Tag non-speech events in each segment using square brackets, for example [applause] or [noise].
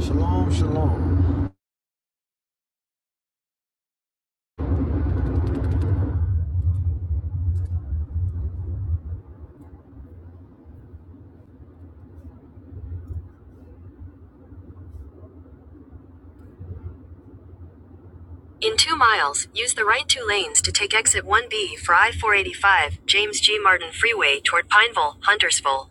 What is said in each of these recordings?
Shalom, shalom. In two miles, use the right two lanes to take exit 1B for I 485, James G. Martin Freeway toward Pineville, Huntersville.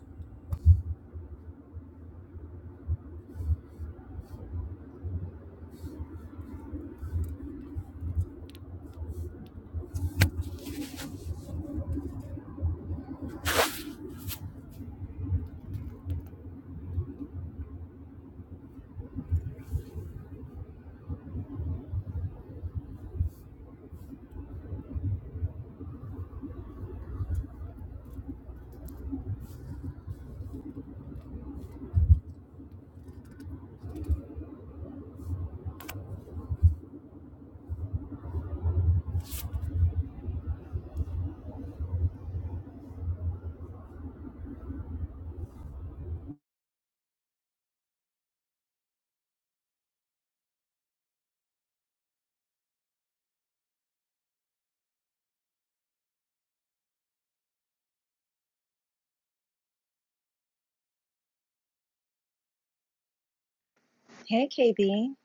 Hey, KB.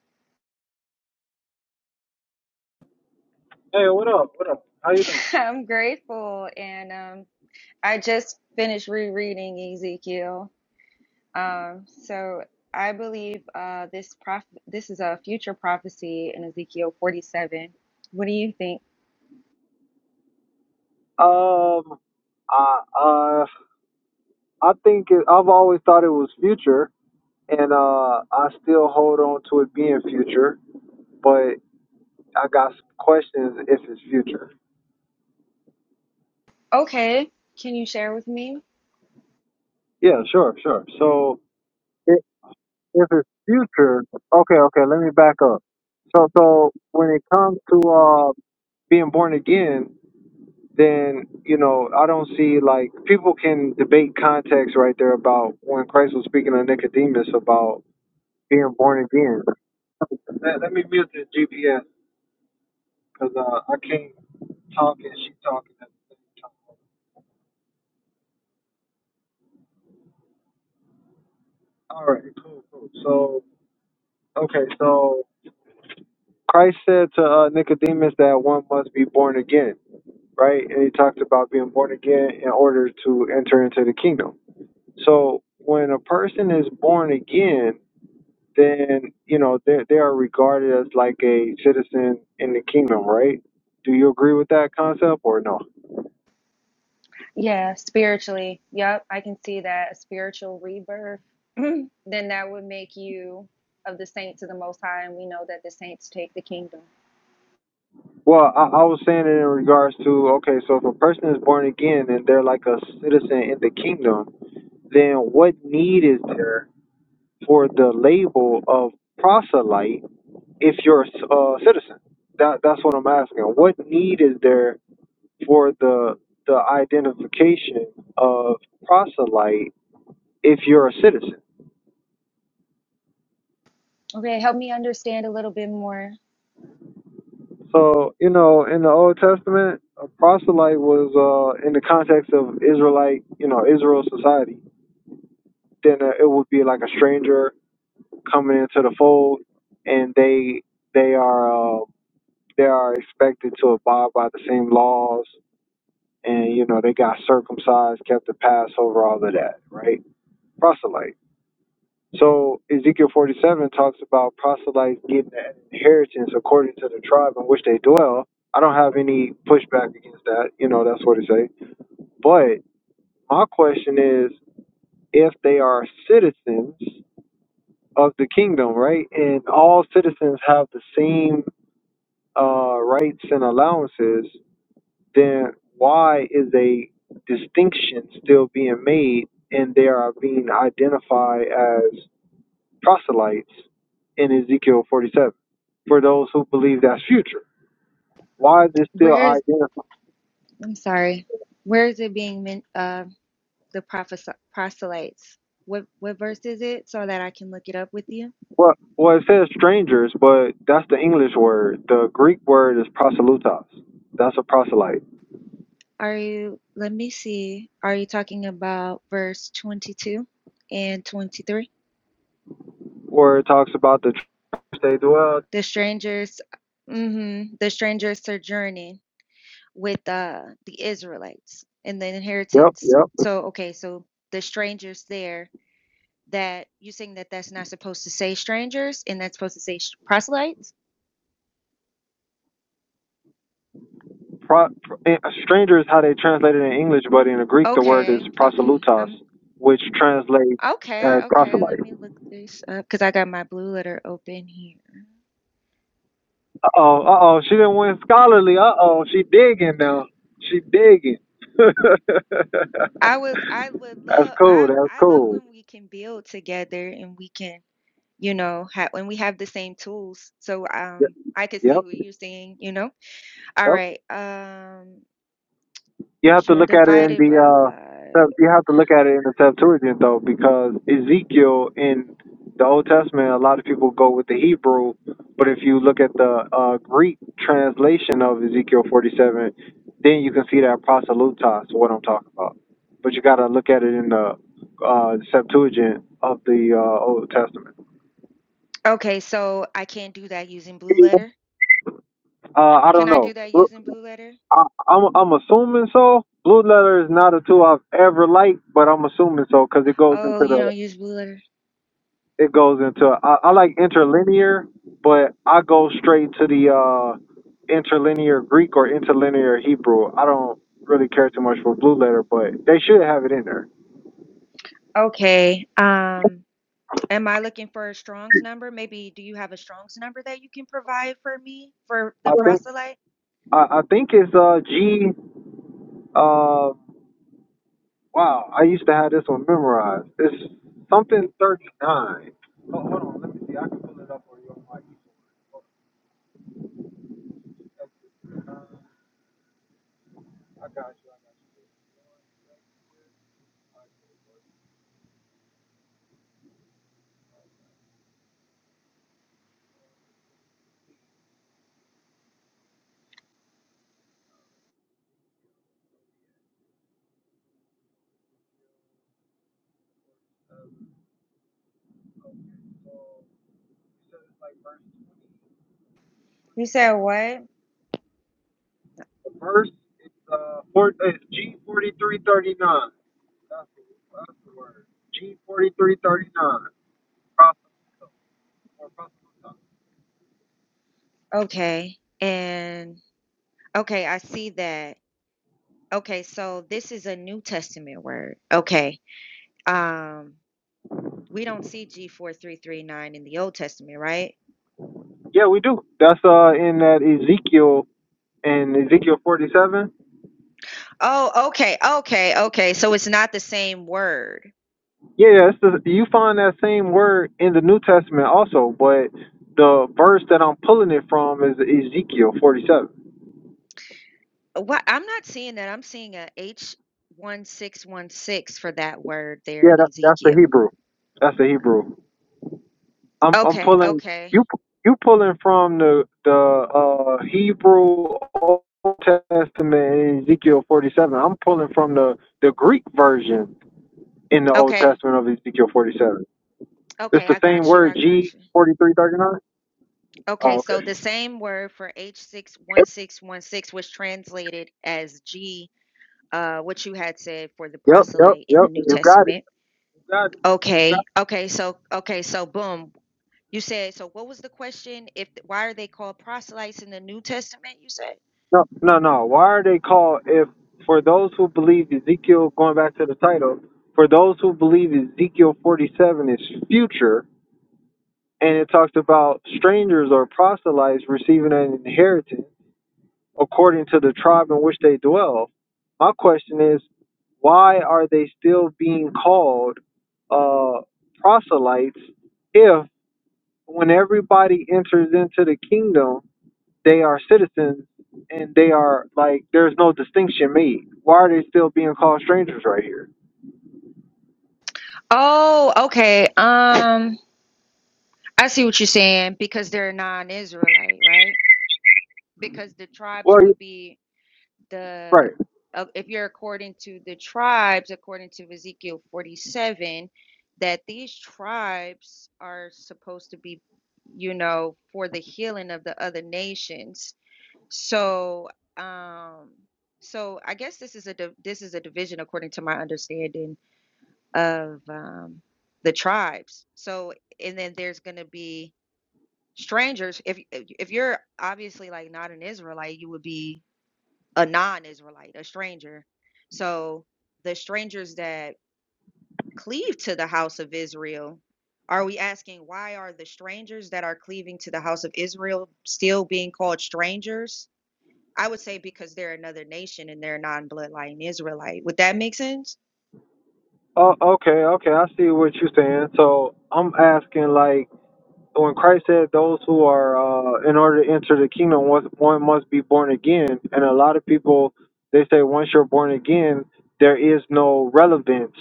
Hey, what up? What up? How you doing? [laughs] I'm grateful. And um, I just finished rereading Ezekiel. Um, so I believe uh, this prof this is a future prophecy in Ezekiel 47. What do you think? Um, I uh, I think it, I've always thought it was future, and uh, I still hold on to it being future, but I got some questions if it's future. Okay. Can you share with me? Yeah, sure, sure. So it, if it's future, okay, okay, let me back up. So, so when it comes to uh, being born again, then you know I don't see like people can debate context right there about when Christ was speaking to Nicodemus about being born again. Let, let me mute the GPS because uh, I can't talk and she talking at the same time. All right, cool, cool. So, okay, so Christ said to uh, Nicodemus that one must be born again, right? And he talked about being born again in order to enter into the kingdom. So when a person is born again, then you know they they are regarded as like a citizen in the kingdom, right? Do you agree with that concept or no? Yeah, spiritually. Yep, I can see that a spiritual rebirth. [clears throat] then that would make you of the saints of the Most High, and we know that the saints take the kingdom. Well, I, I was saying it in regards to okay, so if a person is born again and they're like a citizen in the kingdom, then what need is there For the label of proselyte if you're a c- a citizen? That that's what I'm asking. What need is there for the the identification of proselyte if you're a citizen? Okay, help me understand a little bit more. So you know, in the Old Testament, a proselyte was uh, in the context of Israelite, you know, Israel society. Then uh, it would be like a stranger coming into the fold, and they they are uh, they are expected to abide by the same laws and you know they got circumcised, kept the Passover, all of that, right? Proselyte. So Ezekiel 47 talks about proselytes getting an inheritance according to the tribe in which they dwell. I don't have any pushback against that. You know that's what it say. But my question is, if they are citizens of the kingdom, right, and all citizens have the same uh, rights and allowances, then why is a distinction still being made and they are being identified as proselytes in Ezekiel 47 for those who believe that's future? Why is it still identified? I'm sorry. Where is it being meant? Uh, the prophes- proselytes. What what verse is it? So that I can look it up with you. Well, well, it says strangers, but that's the English word. The Greek word is proselytos. That's a proselyte, Are you? Let me see. Are you talking about verse 22 and 23? where it talks about the church they dwell. The strangers, mm hmm the strangers sojourning with uh, the Israelites and the Yep, inheritance. yep. So okay, so the strangers there. That you saying that that's not supposed to say strangers and that's supposed to say sh- proselytes? Pro, eh, stranger is how they translate it in English, but in the Greek, the word is Okay, okay. proselytos, I'm which translates Okay, as okay, let proselyte. me look this up because I got my blue letter open here. Uh oh, uh oh, she didn't win scholarly. Uh oh, she digging now. She digging. [laughs] that's I would I would love cool. I That's I love cool. when we can build together and we can, you know, have when we have the same tools. So Yep, um I could yep, see what you're saying, you know. All yep. right. Um You you have to shall look at it divide in it the by uh, lie. Sep- you have to look at it in the Septuagint though, because Ezekiel in the Old Testament, a lot of people go with the Hebrew, but if you look at the uh, Greek translation of Ezekiel 47, then you can see that prosalutas, what I'm talking about. But you got to look at it in the uh, Septuagint of the uh, Old Testament. Okay, so I can't do that using blue letter. Uh, I Can don't I do know. that Look, using blue letter? I, I'm I'm assuming so. Blue letter is not a tool I've ever liked, but I'm assuming so because it goes into Oh, you the don't use blue letter. it goes into I, I like interlinear, but I go straight to the uh interlinear Greek or interlinear Hebrew. I don't really care too much for blue letter, but they should have it in there. Okay. Um Am I looking for a Strong's number? Maybe do you have a Strong's number that you can provide for me for I the think proselyte? I, I think it's uh G uh wow, I used to have this one memorized. It's something thirty nine. Oh, hold on, let me see. I can pull it up for you on my e I got you. You said what? The verse is uh, four, it's G forty three thirty nine. That's the that's the word. G forty three thirty nine. Okay. And okay, I see that. Okay, so this is a New Testament word. Okay. Um we don't see G4339 in the Old Testament, right? Yeah, we do. That's uh in that Ezekiel and Ezekiel forty seven. Oh, okay. Okay. Okay. So it's not the same word. Yeah, yeah. It's the, you find that same word in the New Testament also, but the verse that I'm pulling it from is Ezekiel forty seven. Uh, What I'm not seeing that. I'm seeing a H1616 for that word there Yeah, in that, that's the Ezekiel. Hebrew. That's the Hebrew. I'm I'm Okay. pulling Okay. you you pulling from the the uh, Hebrew Old Testament in Ezekiel 47. I'm pulling from the the Greek version in the Old Okay. Testament of Ezekiel 47. It's Okay, the I same got you. word I got G you. 4339. Okay, Oh, so okay. the same word for Yep, H61616 was translated as G, uh, what you had said for the yep, yep. proselyte in the New yep. You got it. Testament. You got it. You got Okay. it. Okay, so okay, so boom. You said so what was the question if why are they called proselytes in the New Testament, you said? No, no, no. Why are they called if for those who believe Ezekiel going back to the title, for those who believe Ezekiel 47 is future and it talks about strangers or proselytes receiving an inheritance according to the tribe in which they dwell. My question is, why are they still being called uh, proselytes if, when everybody enters into the kingdom, they are citizens and they are like there's no distinction made? Why are they still being called strangers right here? Oh, okay. Um I see what you're saying because they're non-Israelite, right? Because the tribes Well, you- would be the right. uh, if you're according to the tribes according to Ezekiel 47 that these tribes are supposed to be you know for the healing of the other nations so um so I guess this is a div- this is a division according to my understanding of um the tribes so and then there's going to be strangers if if you're obviously like not an Israelite you would be a non-Israelite, a stranger. So the strangers that cleave to the house of Israel, are we asking why are the strangers that are cleaving to the house of Israel still being called strangers? I would say because they're another nation and they're non-bloodline Israelite. Would that make sense? Oh, okay, okay. I see what you're saying. So I'm asking like when Christ said those who are uh, in order to enter the kingdom, one one must be born again. And a lot of people they say once you're born again, there is no relevance.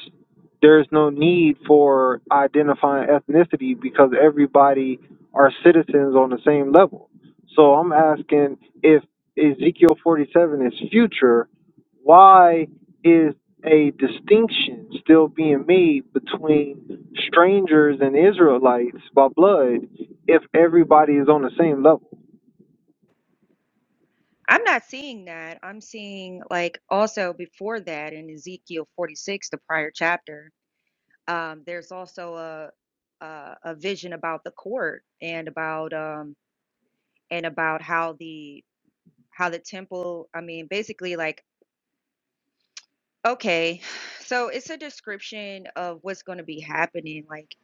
There is no need for identifying ethnicity because everybody are citizens on the same level. So I'm asking if Ezekiel 47 is future, why is a distinction still being made between strangers and Israelites by blood if everybody is on the same level? I'm not seeing that. I'm seeing like also before that in Ezekiel 46, the prior chapter, um, there's also a, a a vision about the court and about um, and about how the how the temple i mean basically like okay [sighs] so it's a description of what's going to be happening like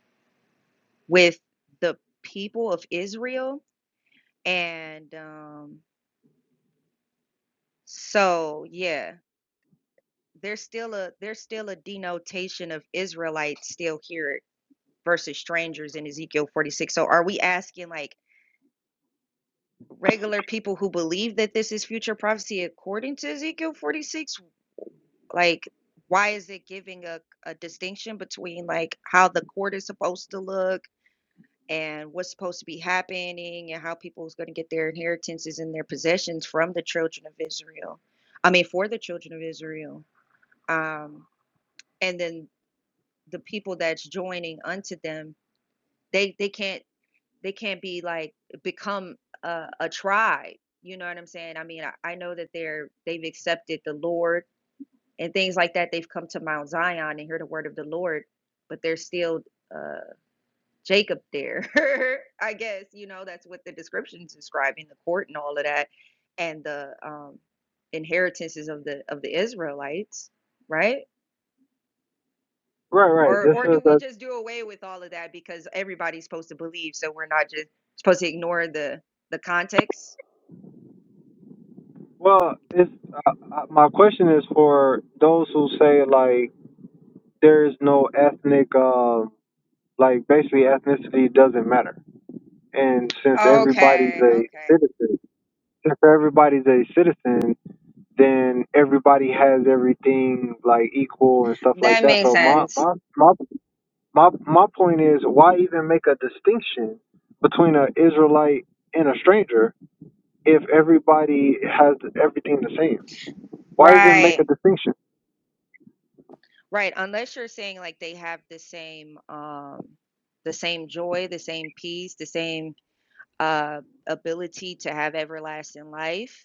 with the people of israel and um so yeah there's still a there's still a denotation of israelites still here versus strangers in ezekiel 46 so are we asking like regular people who believe that this is future prophecy according to Ezekiel 46 like why is it giving a, a distinction between like how the court is supposed to look and what's supposed to be happening and how people is going to get their inheritances and their possessions from the children of Israel I mean for the children of Israel um and then the people that's joining unto them they they can't they can't be like become a, a tribe you know what i'm saying i mean I, I know that they're they've accepted the lord and things like that they've come to mount zion and hear the word of the lord but they're still uh jacob there [laughs] i guess you know that's what the description's describing the court and all of that and the um inheritances of the of the israelites right Right, right. or This or do is we a, just do away with all of that because everybody's supposed to believe so we're not just supposed to ignore the the context well. It's uh, uh, my question is for those who say like there is no ethnic, uh, like basically ethnicity doesn't matter, and since everybody's Okay, a okay. citizen, since everybody's a citizen, then everybody has everything like equal and stuff like That that. makes So my sense. my my my my point is why even make a distinction between an Israelite and a stranger if everybody has everything the same? Why even make Right. a distinction? Right. Unless you're saying like they have the same um the same joy, the same peace, the same uh ability to have everlasting life.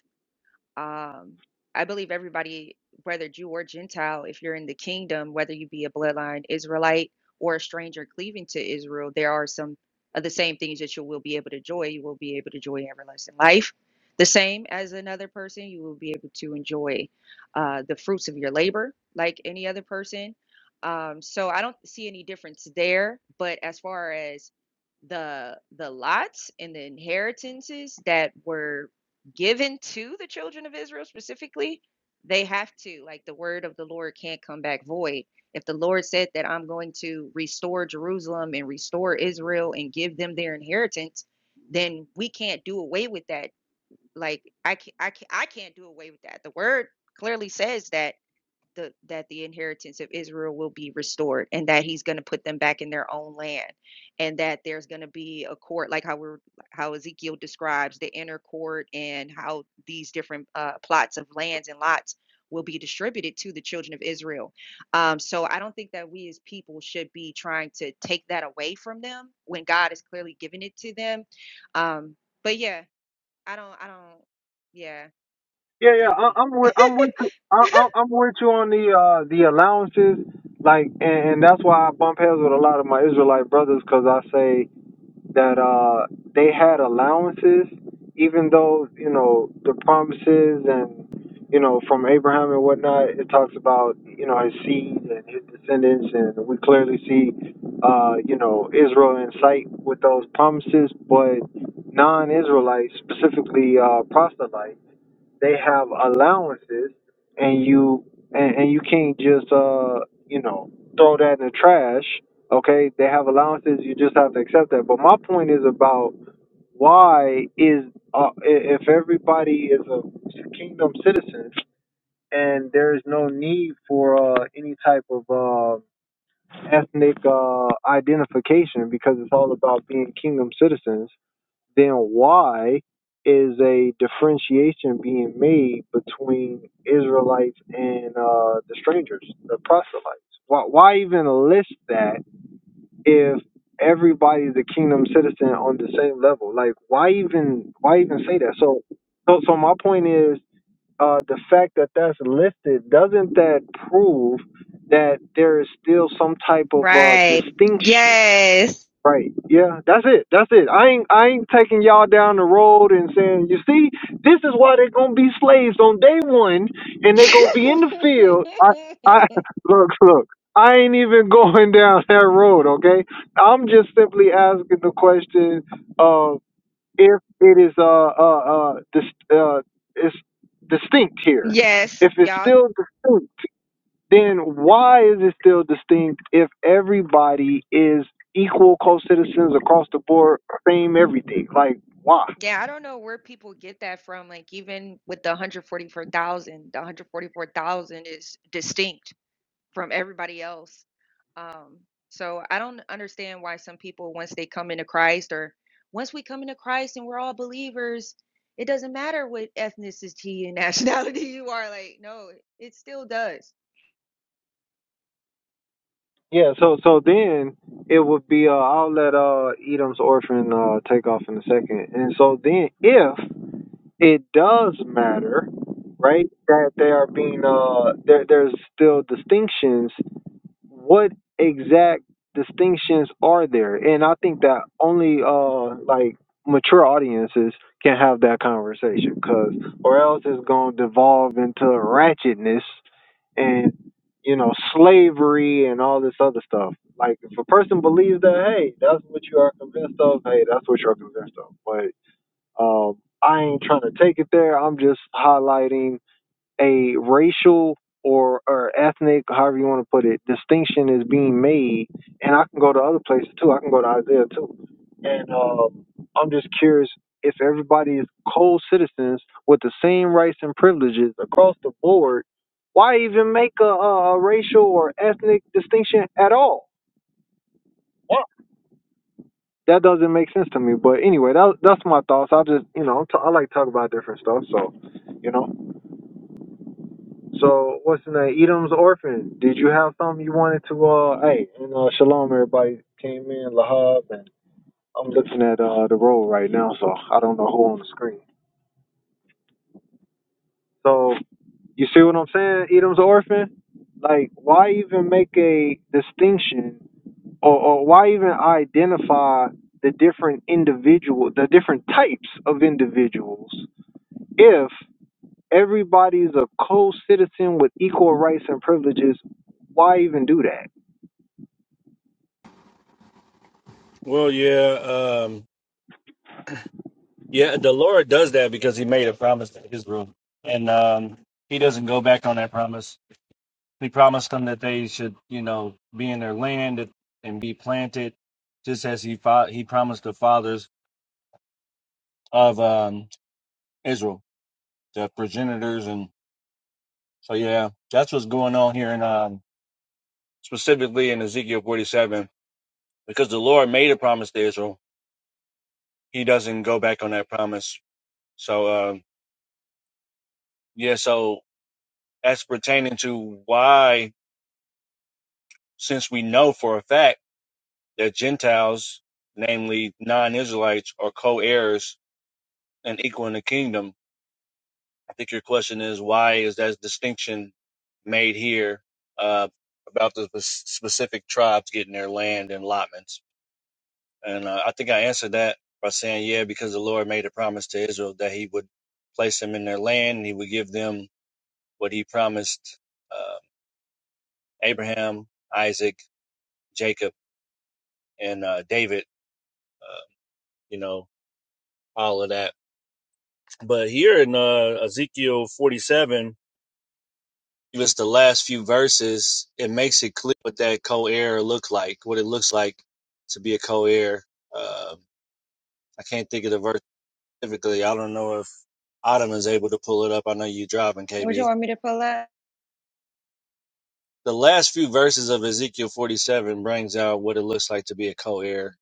Um, I believe everybody, whether Jew or Gentile, if you're in the kingdom, whether you be a bloodline Israelite or a stranger cleaving to Israel, there are some of the same things that you will be able to enjoy. You will be able to enjoy everlasting life. The same as another person, you will be able to enjoy uh, the fruits of your labor like any other person. Um, so I don't see any difference there. But as far as the the lots and the inheritances that were given to the children of Israel specifically, they have to like the word of the Lord can't come back void. If the Lord said that I'm going to restore Jerusalem and restore Israel and give them their inheritance, then we can't do away with that. Like I can not I can not I can't do away with that. The word clearly says that the that the inheritance of Israel will be restored and that he's going to put them back in their own land and that there's going to be a court like how we're how Ezekiel describes the inner court and how these different uh, plots of lands and lots will be distributed to the children of Israel. Um, so I don't think that we as people should be trying to take that away from them when God is clearly giving it to them. Um, but yeah, I don't I don't yeah, Yeah, yeah, I, KB. I'm with I'm with you. I, [laughs] I, I'm with you on the uh, the allowances, like, and, and that's why I bump heads with a lot of my Israelite brothers because I say that uh, they had allowances, even though you know the promises and you know from Abraham and whatnot. It talks about you know his seed and his descendants, and we clearly see uh, you know Israel in sight with those promises. But non-Israelites, specifically uh, proselytes they have allowances and you and, and you can't just uh you know throw that in the trash okay they have allowances you just have to accept that but my point is about why is uh, i- if everybody is a kingdom citizen and there is no need for uh, any type of uh, ethnic uh, identification because it's all about being kingdom citizens then why is a differentiation being made between Israelites and uh, the strangers, the proselytes? Why, why even list that if everybody's a kingdom citizen on the same level? Like, why even why even say that? So, so, so my point is uh, the fact that that's listed doesn't that prove that there is still some type of uh, Right. distinction? Yes. Right. Yeah, that's it. That's it. I ain't I ain't taking y'all down the road and saying, you see, this is why they're gonna be slaves on day one and they're gonna be [laughs] in the field. I I [laughs] look, look, I ain't even [laughs] going down that road, okay? I'm just simply asking the question of if it is uh uh uh dis- uh it's distinct here. yes, If it's y'all. still distinct then why is it still distinct if everybody is equal co-citizens across the board, same everything? Like why? Yeah, I don't know where people get that from. Like, even with the 144,000, the 144,000 is distinct from everybody else. Um, so I don't understand why some people, once they come into Christ or once we come into Christ and we're all believers, it doesn't matter what ethnicity and [laughs] nationality you are. Like, no, it still does. Yeah, so so then it would be uh, I'll let uh Edom's orphan uh take off in a second. And so then if it does matter, right, that they are being uh there there's still distinctions what exact distinctions are there? And I think that only uh like mature audiences can have that conversation, cause or else it's gonna devolve into ratchetness and you know slavery and all this other stuff. Like if a person believes that, hey, that's what you are convinced of. Hey, that's what you're convinced of. But um, I ain't trying to take it there. I'm just highlighting a racial or, or ethnic, however you want to put it, distinction is being made. And I can go to other places too. I can go to Isaiah too. And um, I'm just curious if everybody is co citizens with the same rights and privileges across the board, why even make a, a racial or ethnic distinction at all? Why? That doesn't make sense to me. But anyway, that, that's my thoughts. I just, you know, t- I like to talk about different stuff. So, you know. So what's the name? Edom's orphan. Did you have something you wanted to uh hey and uh shalom everybody came in, Lahab and I'm looking at uh the roll right now, so I don't know who on the screen. So you see what I'm saying, Edom's orphan? Like why even make a distinction or, or why even identify the different individual the different types of individuals if everybody's a co citizen with equal rights and privileges, why even do that? Well, yeah, um, yeah. The Lord does that because He made a promise to Israel, and um, He doesn't go back on that promise. He promised them that they should, you know, be in their land and be planted, just as He fa- He promised the fathers of um, Israel, the progenitors, and so yeah, that's what's going on here, and um, specifically in Ezekiel forty-seven, because the Lord made a promise to Israel, He doesn't go back on that promise. So um, yeah, so as pertaining to why, since we know for a fact that Gentiles, namely non Israelites, are co heirs and equal in the kingdom, I think your question is why is that distinction made here uh, about the specific tribes getting their land and allotments? And uh, I think I answered that by saying, yeah, because the Lord made a promise to Israel that he would place them in their land and he would give them what he promised uh, Abraham, Isaac, Jacob. and uh, David, uh, you know, all of that. But here in uh, Ezekiel 47, just the last few verses, it makes it clear what that co-heir look like, what it looks like to be a co-heir. Uh, I can't think of the verse specifically. I don't know if Autumn is able to pull it up. I know you driving, What you KB. want me to pull up? The last few verses of Ezekiel 47 brings out what it looks like to be a co-heir.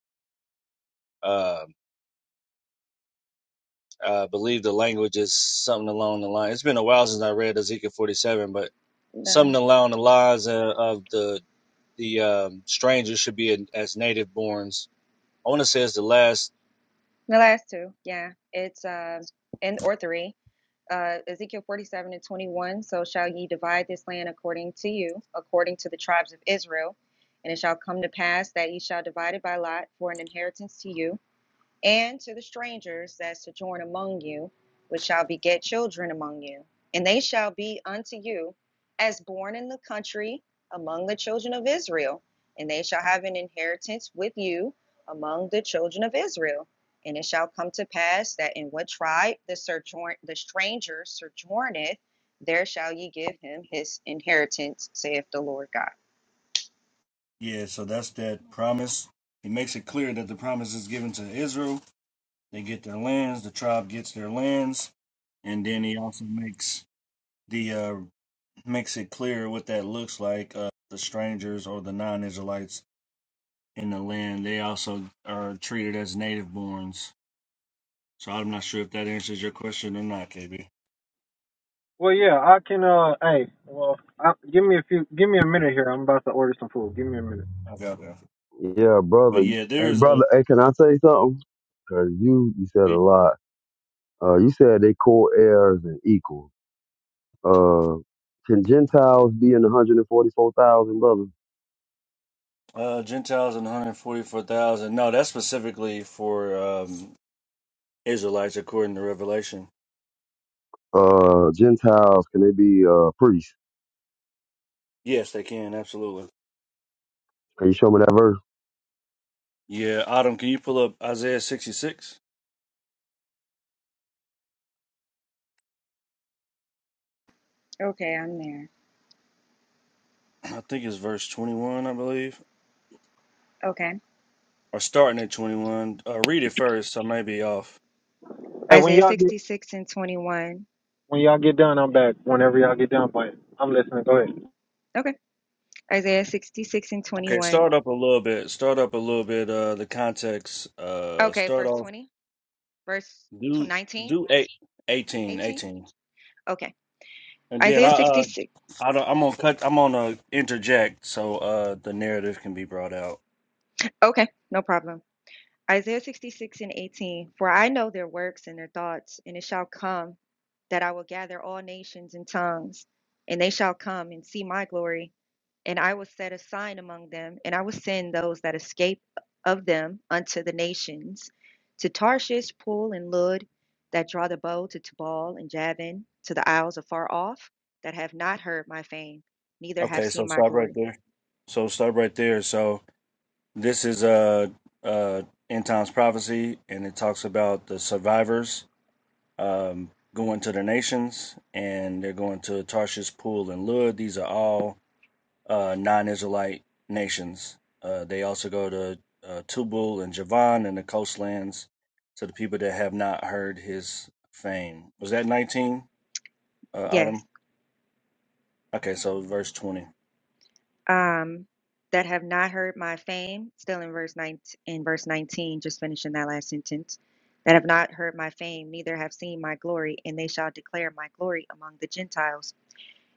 Uh, I believe the language is something along the line. It's been a while since I read Ezekiel 47, but something along the lines uh, of the the um, strangers should be in, as native borns. I want to say it's the last. The last two, yeah, it's uh, and or three, uh, Ezekiel forty-seven and twenty-one. So shall ye divide this land according to you, according to the tribes of Israel, and it shall come to pass that ye shall divide it by lot for an inheritance to you and to the strangers that sojourn among you, which shall beget children among you. And they shall be unto you as born in the country among the children of Israel, and they shall have an inheritance with you among the children of Israel. And it shall come to pass that in what tribe the sojourn the stranger sojourneth, there shall ye give him his inheritance, saith the Lord God. Yeah, so that's that promise. He makes it clear that the promise is given to Israel. They get their lands, the tribe gets their lands, and then he also makes the uh makes it clear what that looks like, uh the strangers or the non-Israelites in the land, they also are treated as native borns. So I'm not sure if that answers your question or not, KB. Well, yeah, I can. Uh, hey, well, I, give me a few, give me a minute here. I'm about to order some food. Give me a minute. got that. Yeah, But brother. yeah, there Hey, is a brother. Hey, can I say something? Cause you you said a lot. Uh, you said they co-heirs and equal. Uh, can Gentiles be in the hundred and forty-four thousand, brother? uh, Gentiles and 144,000. No, that's specifically for um, Israelites according to Revelation. Uh, Gentiles can they be uh priests? Yes, they can, absolutely. Can you show me that verse, Yeah, Adam, can you pull up Isaiah 66? Okay, I'm there. [clears throat] I think it's verse 21, I believe. Okay. Or starting at 21. Uh, read it first, so I may be off. Hey, when Isaiah y'all get 66 and 21. when y'all get done, I'm back. Whenever y'all get done, but I'm listening. Go ahead. Hey, Okay. Isaiah 66 and Okay, 21. start up a little bit. Start up a little bit. Uh, the context. Uh, Okay, start verse off. 20, verse tw- Do 19, do eight eighteen eighteen. eighteen. Okay. and then Isaiah I uh 66. I don't, I'm gonna cut. I'm gonna interject so uh the narrative can be brought out. Okay, no problem. Isaiah 66 and 18. For I know their works and their thoughts, and it shall come that I will gather all nations and tongues, and they shall come and see my glory. and I will set a sign among them, and I will send those that escape of them unto the nations, to Tarshish, Pool, and Lud, that draw the bow to Tubal and Javan, to the isles afar off, that have not heard my fame, neither have Okay, seen so my stop right glory. there. So stop right there. So this is uh uh end times prophecy, and it talks about the survivors um going to the nations, and they're going to Tarshish, Pool, and Lud. These are all uh, non-Israelite nations. Uh, they also go to uh, Tubal and Javan and the coastlands to the people that have not heard his fame. Was that 19, uh, Yes, Autumn? Okay, so verse 20. um, that have not heard my fame. Still in verse 19, in verse 19, just finishing that last sentence. That have not heard my fame, neither have seen my glory, and they shall declare my glory among the Gentiles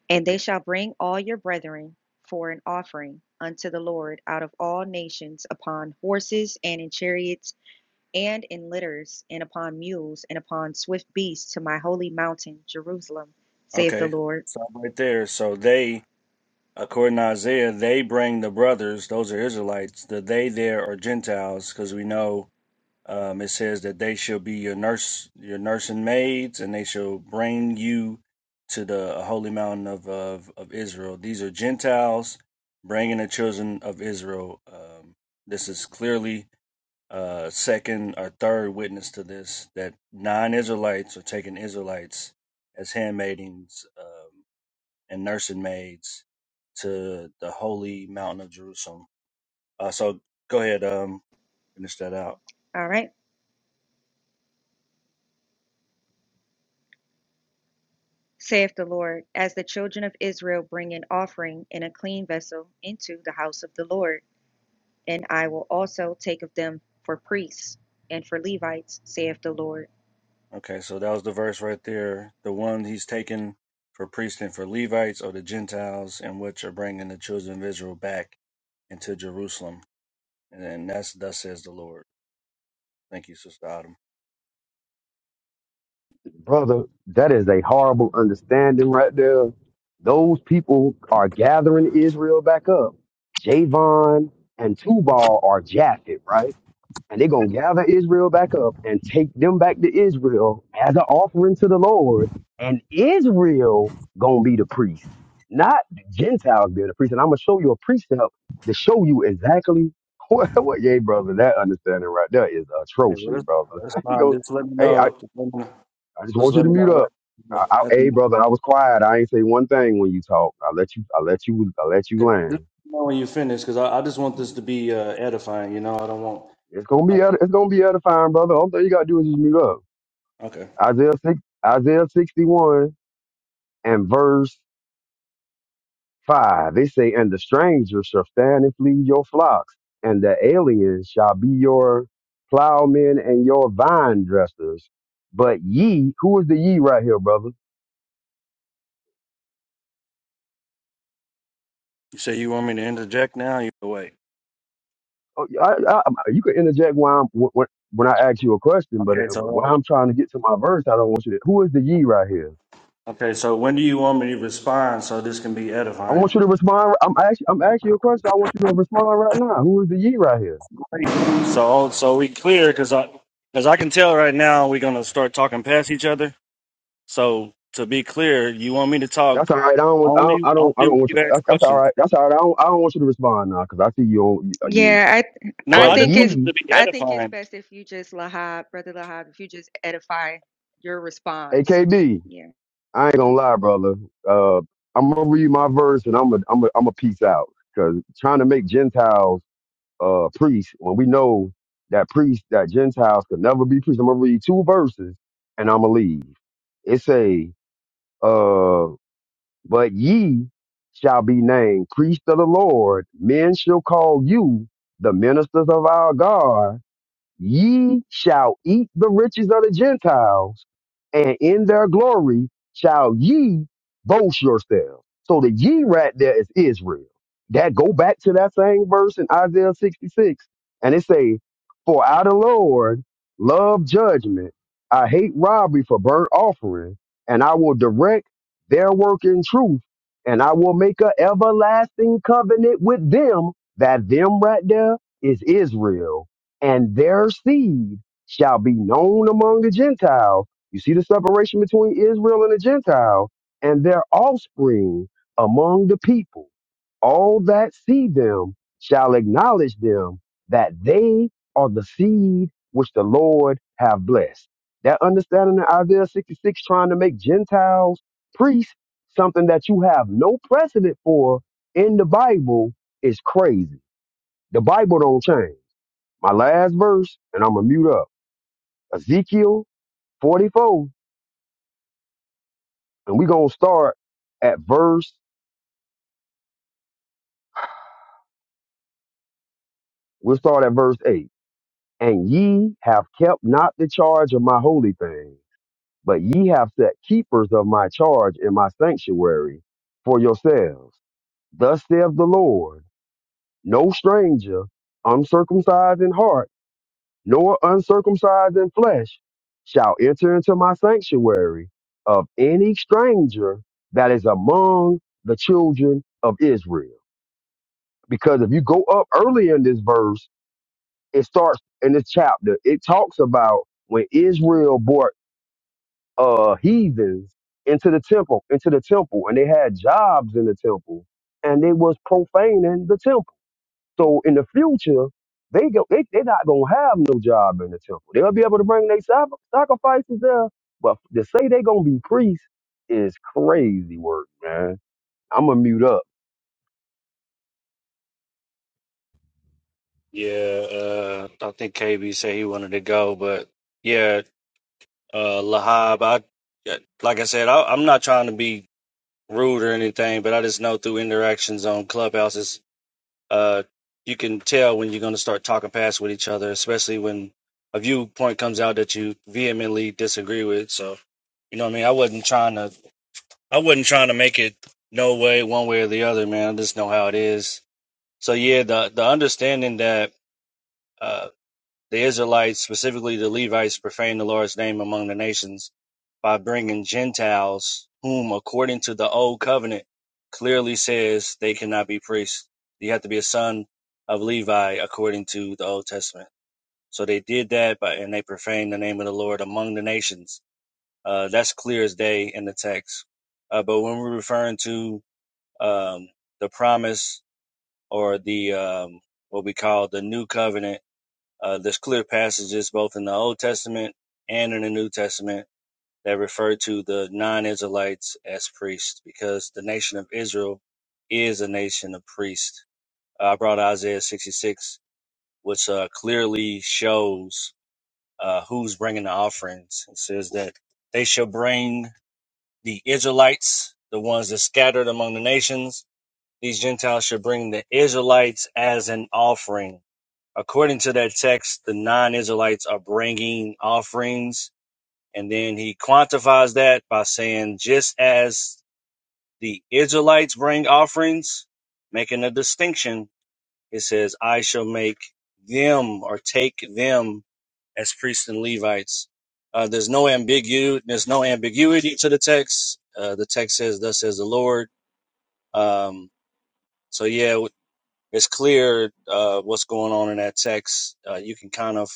And they shall bring all your brethren for an offering unto the Lord out of all nations upon horses and in chariots and in litters and upon mules and upon swift beasts to my holy mountain, Jerusalem, saith the Okay, Lord. so right there. So they According to Isaiah, they bring the brothers, those are Israelites, the they there are Gentiles, because we know um, it says that they shall be your nurse, your nursing maids, and they shall bring you to the holy mountain of, of, of Israel. These are Gentiles bringing the children of Israel. Um, this is clearly uh, second or third witness to this that non Israelites are taking Israelites as handmaidens. Um, and nursing maids to the holy mountain of Jerusalem. Uh, so go ahead, um, finish that out. All right. Saith the Lord, as the children of Israel bring an offering in a clean vessel into the house of the Lord, and I will also take of them for priests and for Levites, saith the Lord. Okay, so that was the verse right there. The one he's taken for priests and for Levites or the Gentiles, in which are bringing the children of Israel back into Jerusalem. And then that's thus says the Lord. Thank you, Sister Autumn. brother? That is a horrible understanding right there. Those people are gathering Israel back up. Javon and Tubal are Japhet, right? and they're gonna gather Israel back up and take them back to Israel as an offering to the Lord, and Israel gonna be the priest, not the Gentiles being the priest. And I'm gonna show you a precept to show you exactly [laughs] what, what yeah, brother, that understanding right there is Hey, well, atrocious, that's, brother. that's [laughs] you fine. go, Just let me hey, I, know. Just let me, I just just want you let to me mute know up. I, I, after, after hey, you, brother, I was quiet. I ain't say one thing when you talk. I let you, I let you, I let you 'cause just let land. me know when you finish, because I, I just want this to be uh, edifying. You know, I don't want. It's gonna Uh, be, ed- it's gonna be edifying, brother. All you gotta do is just mute up. okay. Isaiah, 6, Isaiah 61 and verse 5. They say, And the stranger shall stand and flee your flocks, and the aliens shall be your plowmen and your vine dressers. But ye, who is the ye right here, brother? You say you want me to interject now? You wait. Oh, I, I, you can interject when, I'm, when, when I ask you a question, but uh, Okay, when so I'm trying to get to my verse, I don't want you to. Who is the ye right here? okay, so when do you want me to respond so this can be I edifying? want you to respond. I'm asking, I'm asking you a question. I want you to respond right now. Who is the ye right here? So so we clear because I because I can tell right now we're gonna start talking past each other. So to be clear, you want me to That's talk all right. I don't. Want, I don't. only I only don't I don't when want you. you ask That's, that's all questions. right. That's all right. I don't. I don't want you to respond now because I see you on you. you. Yeah, I No, I But I just think it's wanted ye, to be I think it's edifying. best if you just Lahab, brother Lahab, if you just edify your response. AKB, Yeah. I ain't gonna lie, brother. Uh, I'm gonna read my verse and I'm gonna I'm gonna am going peace out because trying to make Gentiles uh priests when we know that priests that Gentiles could never be priests. I'm gonna read two verses and I'm gonna leave. It say. uh. But ye shall be named priests of the Lord. Men shall call you the ministers of our God Ye shall eat the riches of the Gentiles, and in their glory shall ye boast yourselves. So the ye right there is Israel. That go back to that same verse in Isaiah 66, and it say, For I the Lord love judgment, I hate robbery for burnt offering, and I will direct their work in truth, and I will make an everlasting covenant with them. That them right there is Israel and their seed shall be known among the Gentiles. You see the separation between Israel and the Gentile, and their offspring among the people. All that see them shall acknowledge them that they are the seed which the Lord have blessed. That understanding in Isaiah 66 trying to make Gentiles priests, something that you have no precedent for in the Bible, is crazy. The Bible don't change my last verse, and I'm gonna mute up. Ezekiel 44, and we're gonna start at verse, we'll start at verse 8. And ye have kept not the charge of my holy thing, but ye have set keepers of my charge in my sanctuary for yourselves. Thus saith the Lord, no stranger, uncircumcised in heart nor uncircumcised in flesh shall enter into my sanctuary of any stranger that is among the children of Israel. Because if you go up early in this verse, it starts in this chapter, it talks about when Israel brought uh heathens into the temple, into the temple, and they had jobs in the temple, and they was profaning the temple. So in the future, they go they they not gonna have no job in the temple. They'll be able to bring their sac- sacrifices there, but to say they gonna be priests is crazy work, man. I'm gonna mute up. Yeah, uh, I think KB said he wanted to go, but yeah, uh, Lahab, I like I said, I, I'm not trying to be. rude or anything, but I just know through interactions on clubhouses, uh, you can tell when you're going to start talking past with each other, especially when a viewpoint comes out that you vehemently disagree with. So, you know what I mean? I wasn't trying to, I wasn't trying to make it no way, one way or the other, man. I just know how it is. So yeah, the, the understanding that, uh, the Israelites, specifically the Levites, profaned the Lord's name among the nations by bringing Gentiles, whom, according to the Old Covenant, clearly says they cannot be priests. You have to be a son of Levi, according to the Old Testament. So they did that, but and they profaned the name of the Lord among the nations. Uh, that's clear as day in the text. Uh, but when we're referring to um, the promise or the um, what we call the new covenant uh, there's clear passages both in the Old Testament and in the New Testament that refer to the non Israelites as priests because the nation of Israel is a nation of priests. Uh, I brought Isaiah 66, which uh, clearly shows uh, who's bringing the offerings. It says that they shall bring the Israelites, the ones that scattered among the nations. These Gentiles should bring the Israelites as an offering according to that text, the non Israelites are bringing offerings. And then he quantifies that by saying, just as the Israelites bring offerings, making a distinction, it says, I shall make them or take them as priests and Levites. Uh, there's no ambiguity. There's no ambiguity to the text. Uh, the text says, "Thus says the Lord." Um, so yeah, it's clear uh, what's going on in that text. Uh, you can kind of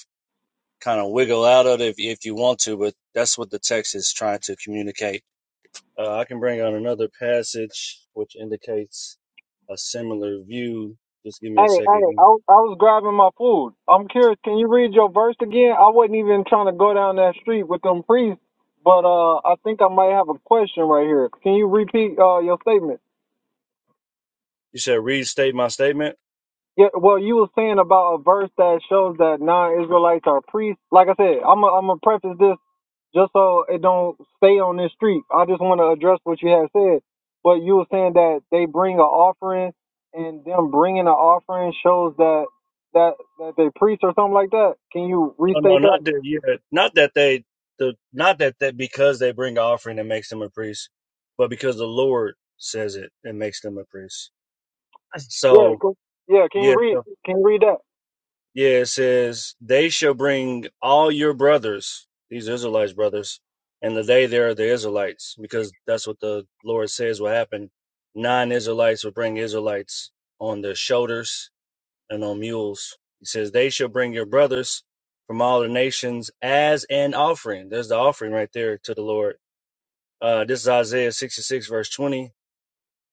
kind of wiggle out of it if, if you want to, but that's what the text is trying to communicate. Uh, I can bring on another passage which indicates a similar view. Just give hey, me I a second. was, I was grabbing my food. I'm curious. Can you read your verse again? I wasn't even trying to go down that street with them priests, but uh, I think I might have a question right here. Can you repeat uh your statement? You said restate my statement. Yeah. Well, you were saying about a verse that shows that non-Israelites are priests. Like I said, I'm i I'm gonna preface this. so it don't stay on this street. I just want to address what you had said. But you were saying that they bring an offering and them bring offering that No, no, not that. Yeah, not that they. The not that that because they bring an offering it makes them a priest, but because the Lord says it, it makes them a priest. yeah, So cool. yeah. Can you yeah. so read? Can you read that? Yeah, it says, They shall bring all your brothers, these Israelites' brothers, and the they there are the Israelites, because that's what the Lord says will happen. Non Israelites will bring Israelites on their shoulders and on mules. He says, They shall bring your brothers from all the nations as an offering. There's the offering right there to the Lord. Uh, this is Isaiah 66, verse 20.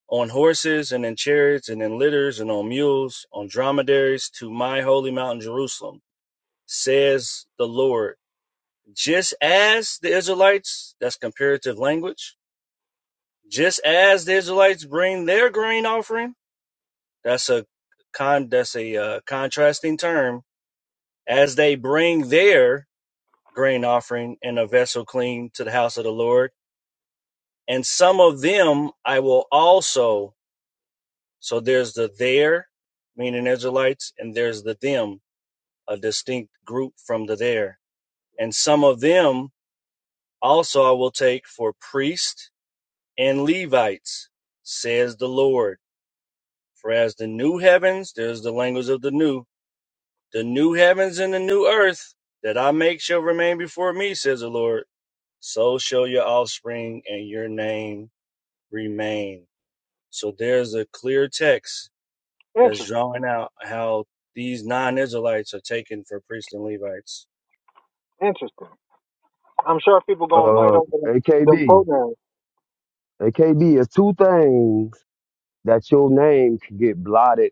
On horses and in chariots and in litters and on mules, on dromedaries to my holy mountain Jerusalem says the Lord. Just as the Israelites, that's comparative language, just as the Israelites bring their grain offering, that's a con, that's a uh, contrasting term, as they bring their grain offering in a vessel clean to the house of the Lord, and some of them I will also. So there's the there, meaning Israelites, and there's the them, a distinct group from the there, and some of them Also I will take for priests and Levites, says the Lord. For as the new heavens, there's the language of the new, the new heavens and the new earth that I make shall remain before me, says the Lord. So shall your offspring and your name remain. So there's a clear text that's Interesting, drawing out how these non Israelites are taken for priests and Levites. interesting. I'm sure people gonna fight Uh, over them them AKB, programs. AKB is two things that your name can get blotted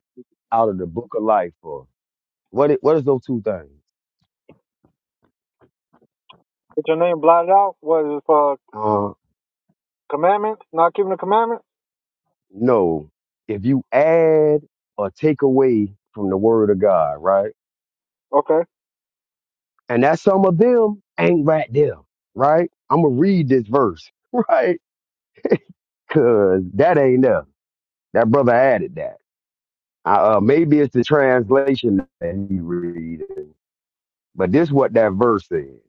out of the book of life for. What it, what is those two things? Get your name blotted out. What is it for? Uh, Commandments? Not keeping the commandments? no, if you add or take away from the word of God, right? Okay. And that some of them ain't right there, right? I'm going to read this verse, [laughs] right? Because that ain't there. That brother added that. Uh, uh, maybe it's the translation that he reading, but this what that verse says.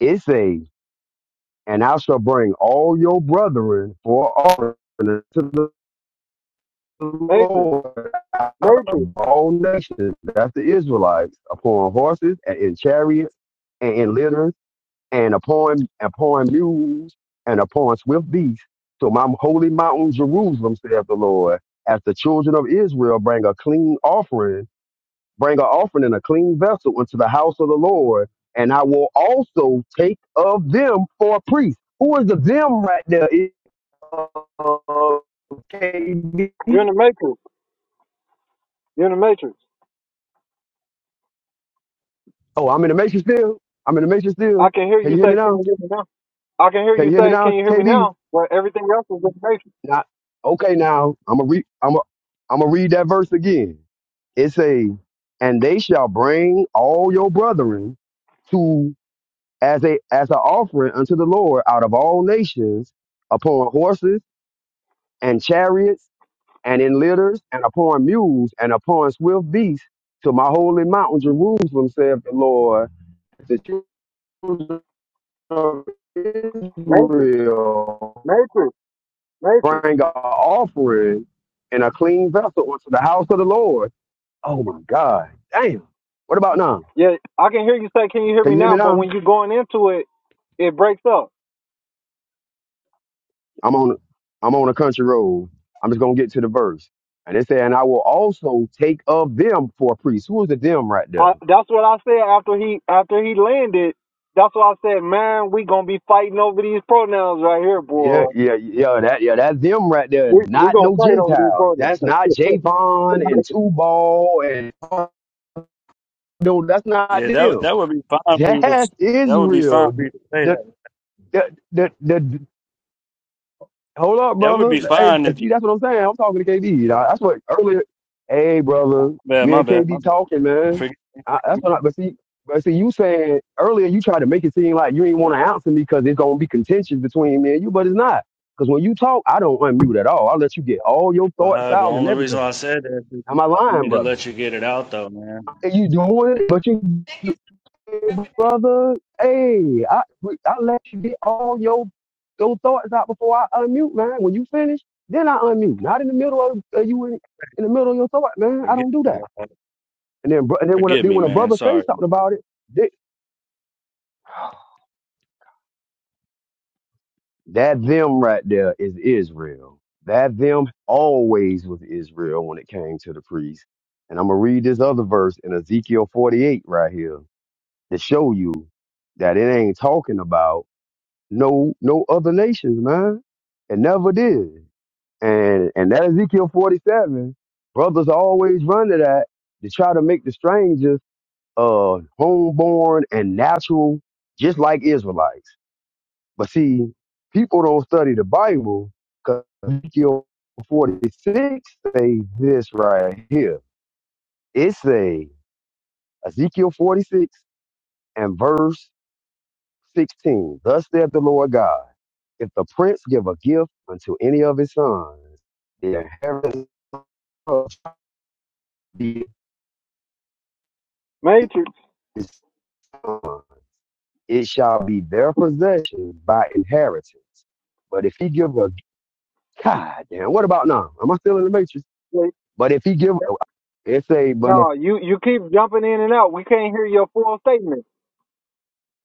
It says, and I shall bring all your brethren for offering to the Matrix, Lord out matrix. of all nations. That's the Israelites upon horses and in chariots and in litters and upon upon mules and upon swift beasts to my holy mountain Jerusalem, saith the Lord, as the children of Israel bring a clean offering, bring an offering in a clean vessel into the house of the Lord, and I will also take of them for a priest. Who is the them right there? It- uh, KB? You're in the matrix. You're in the matrix. Oh, I'm in the matrix still. I'm in the matrix I still. can hear Can you you hear me say, "Can now? you hear me now?" I can hear Can you you hear me say, now, "Can you hear me KB? now?" But everything else is in the matrix. Now, okay, now I'm gonna read. I'm gonna I'm gonna read that verse again. It say, "And they shall bring all your brethren to as a as an offering unto the Lord out of all nations, upon horses and chariots and in litters and upon mules and upon swift beasts to my holy mountain Jerusalem," saith the Lord. The children of Matrix. Israel Matrix. Matrix. bring an offering and a clean vessel unto the house of the Lord. Oh my God. Damn. What about now? Yeah, I can hear you say, "Can you hear Can me you hear me now?" But now? when you're going into it, it breaks up. I'm on I'm on a country road. I'm just gonna get to the verse. And it said, and I will also take of them for a priest. Who is the them right there? I, that's what I said after he after he landed. That's why I said, "Man, we gonna be fighting over these pronouns right here, Yeah, boy. yeah, yeah, that yeah, that them right there is We we not gonna no fight over these Gentiles. pronouns." That's [laughs] not Javon and Tubal and no, that's not Yeah, that them. that would be fine for you to That's that would be fine for Israel. you to say The that. the the the, Hold up, That would be brother. Hey, fine if you see, that's what I'm saying. I'm talking to KD. dawg. That's what earlier. Hey, brother, bad, me my and bad, my KD bad. talking, man. Forgive I, that's me, what. I, but see, but see, you saying earlier you tried to make it seem like you ain't want to answer me because it's gonna be contentious between me and you, but it's not. Because when you talk, I don't unmute at all. I let you get all your thoughts Lahab. The out and only reason everything. I said that is because you Am I told lying, me to brother? let you get it out, though, man. And you doing it, but you brother. Hey, I I let you get all your your thoughts out before I unmute, man. When you finish, then I unmute. Not in the middle of uh, you in, in the middle of your thought, man. I Forgive don't do me, that. Lahab. And then, bro- and then when a- Forgive then me, when a man. brother say Sorry. something about it, they, that them right there is Israel. That them always was Israel when it came to the priest. And I'm gonna read this other verse in Ezekiel 48 right here to show you that it ain't talking about. no no other nations, man. It never did. And and that Ezekiel 47, brothers always run to that to try to make the strangers uh homeborn and natural, just like Israelites. But see, people don't study the Bible because Ezekiel 46 say this right here. It say Ezekiel 46 and verse 16. Thus saith the Lord God, if the prince give a gift unto any of his sons, the inheritance of Matrix. his son. It shall be their possession by inheritance. But if he give a God damn, what about now? Am I still in the matrix? like, But if he give, it say, but No, you you keep jumping in and out. We can't hear your full statement.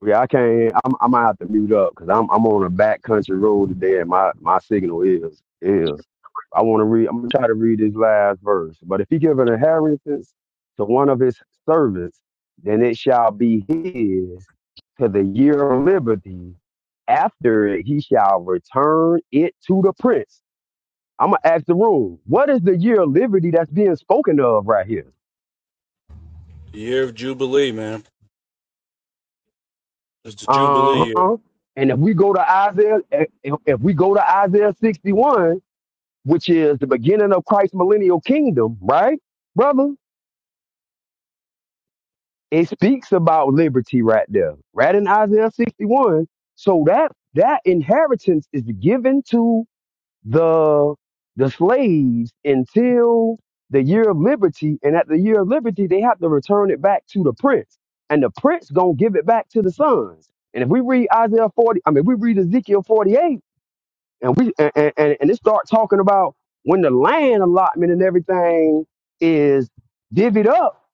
Yeah, I can't. I'm, I might have to mute up because I'm I'm on a back country road today, and my my signal is is. I want to read. I'm gonna try to read this last verse. But if he give an inheritance to one of his servants, then it shall be his to the year of liberty. After it, he shall return it to the prince. I'm gonna ask the room. What is the year of liberty that's being spoken of right here? The year of Jubilee, man. It's the Jubilee year. Uh-huh. And if we go to Isaiah, eh, if, if we go to Isaiah 61, which is the beginning of Christ's millennial kingdom, right, brother? It speaks about liberty right there, right in Isaiah 61. So that that inheritance is given to the the slaves until the year of liberty and at the year of liberty they have to return it back to the prince and the prince gonna give it back to the sons and if we read isaiah 40 i mean we read ezekiel 48 and we and and, and and it start talking about when the land allotment and everything is divvied up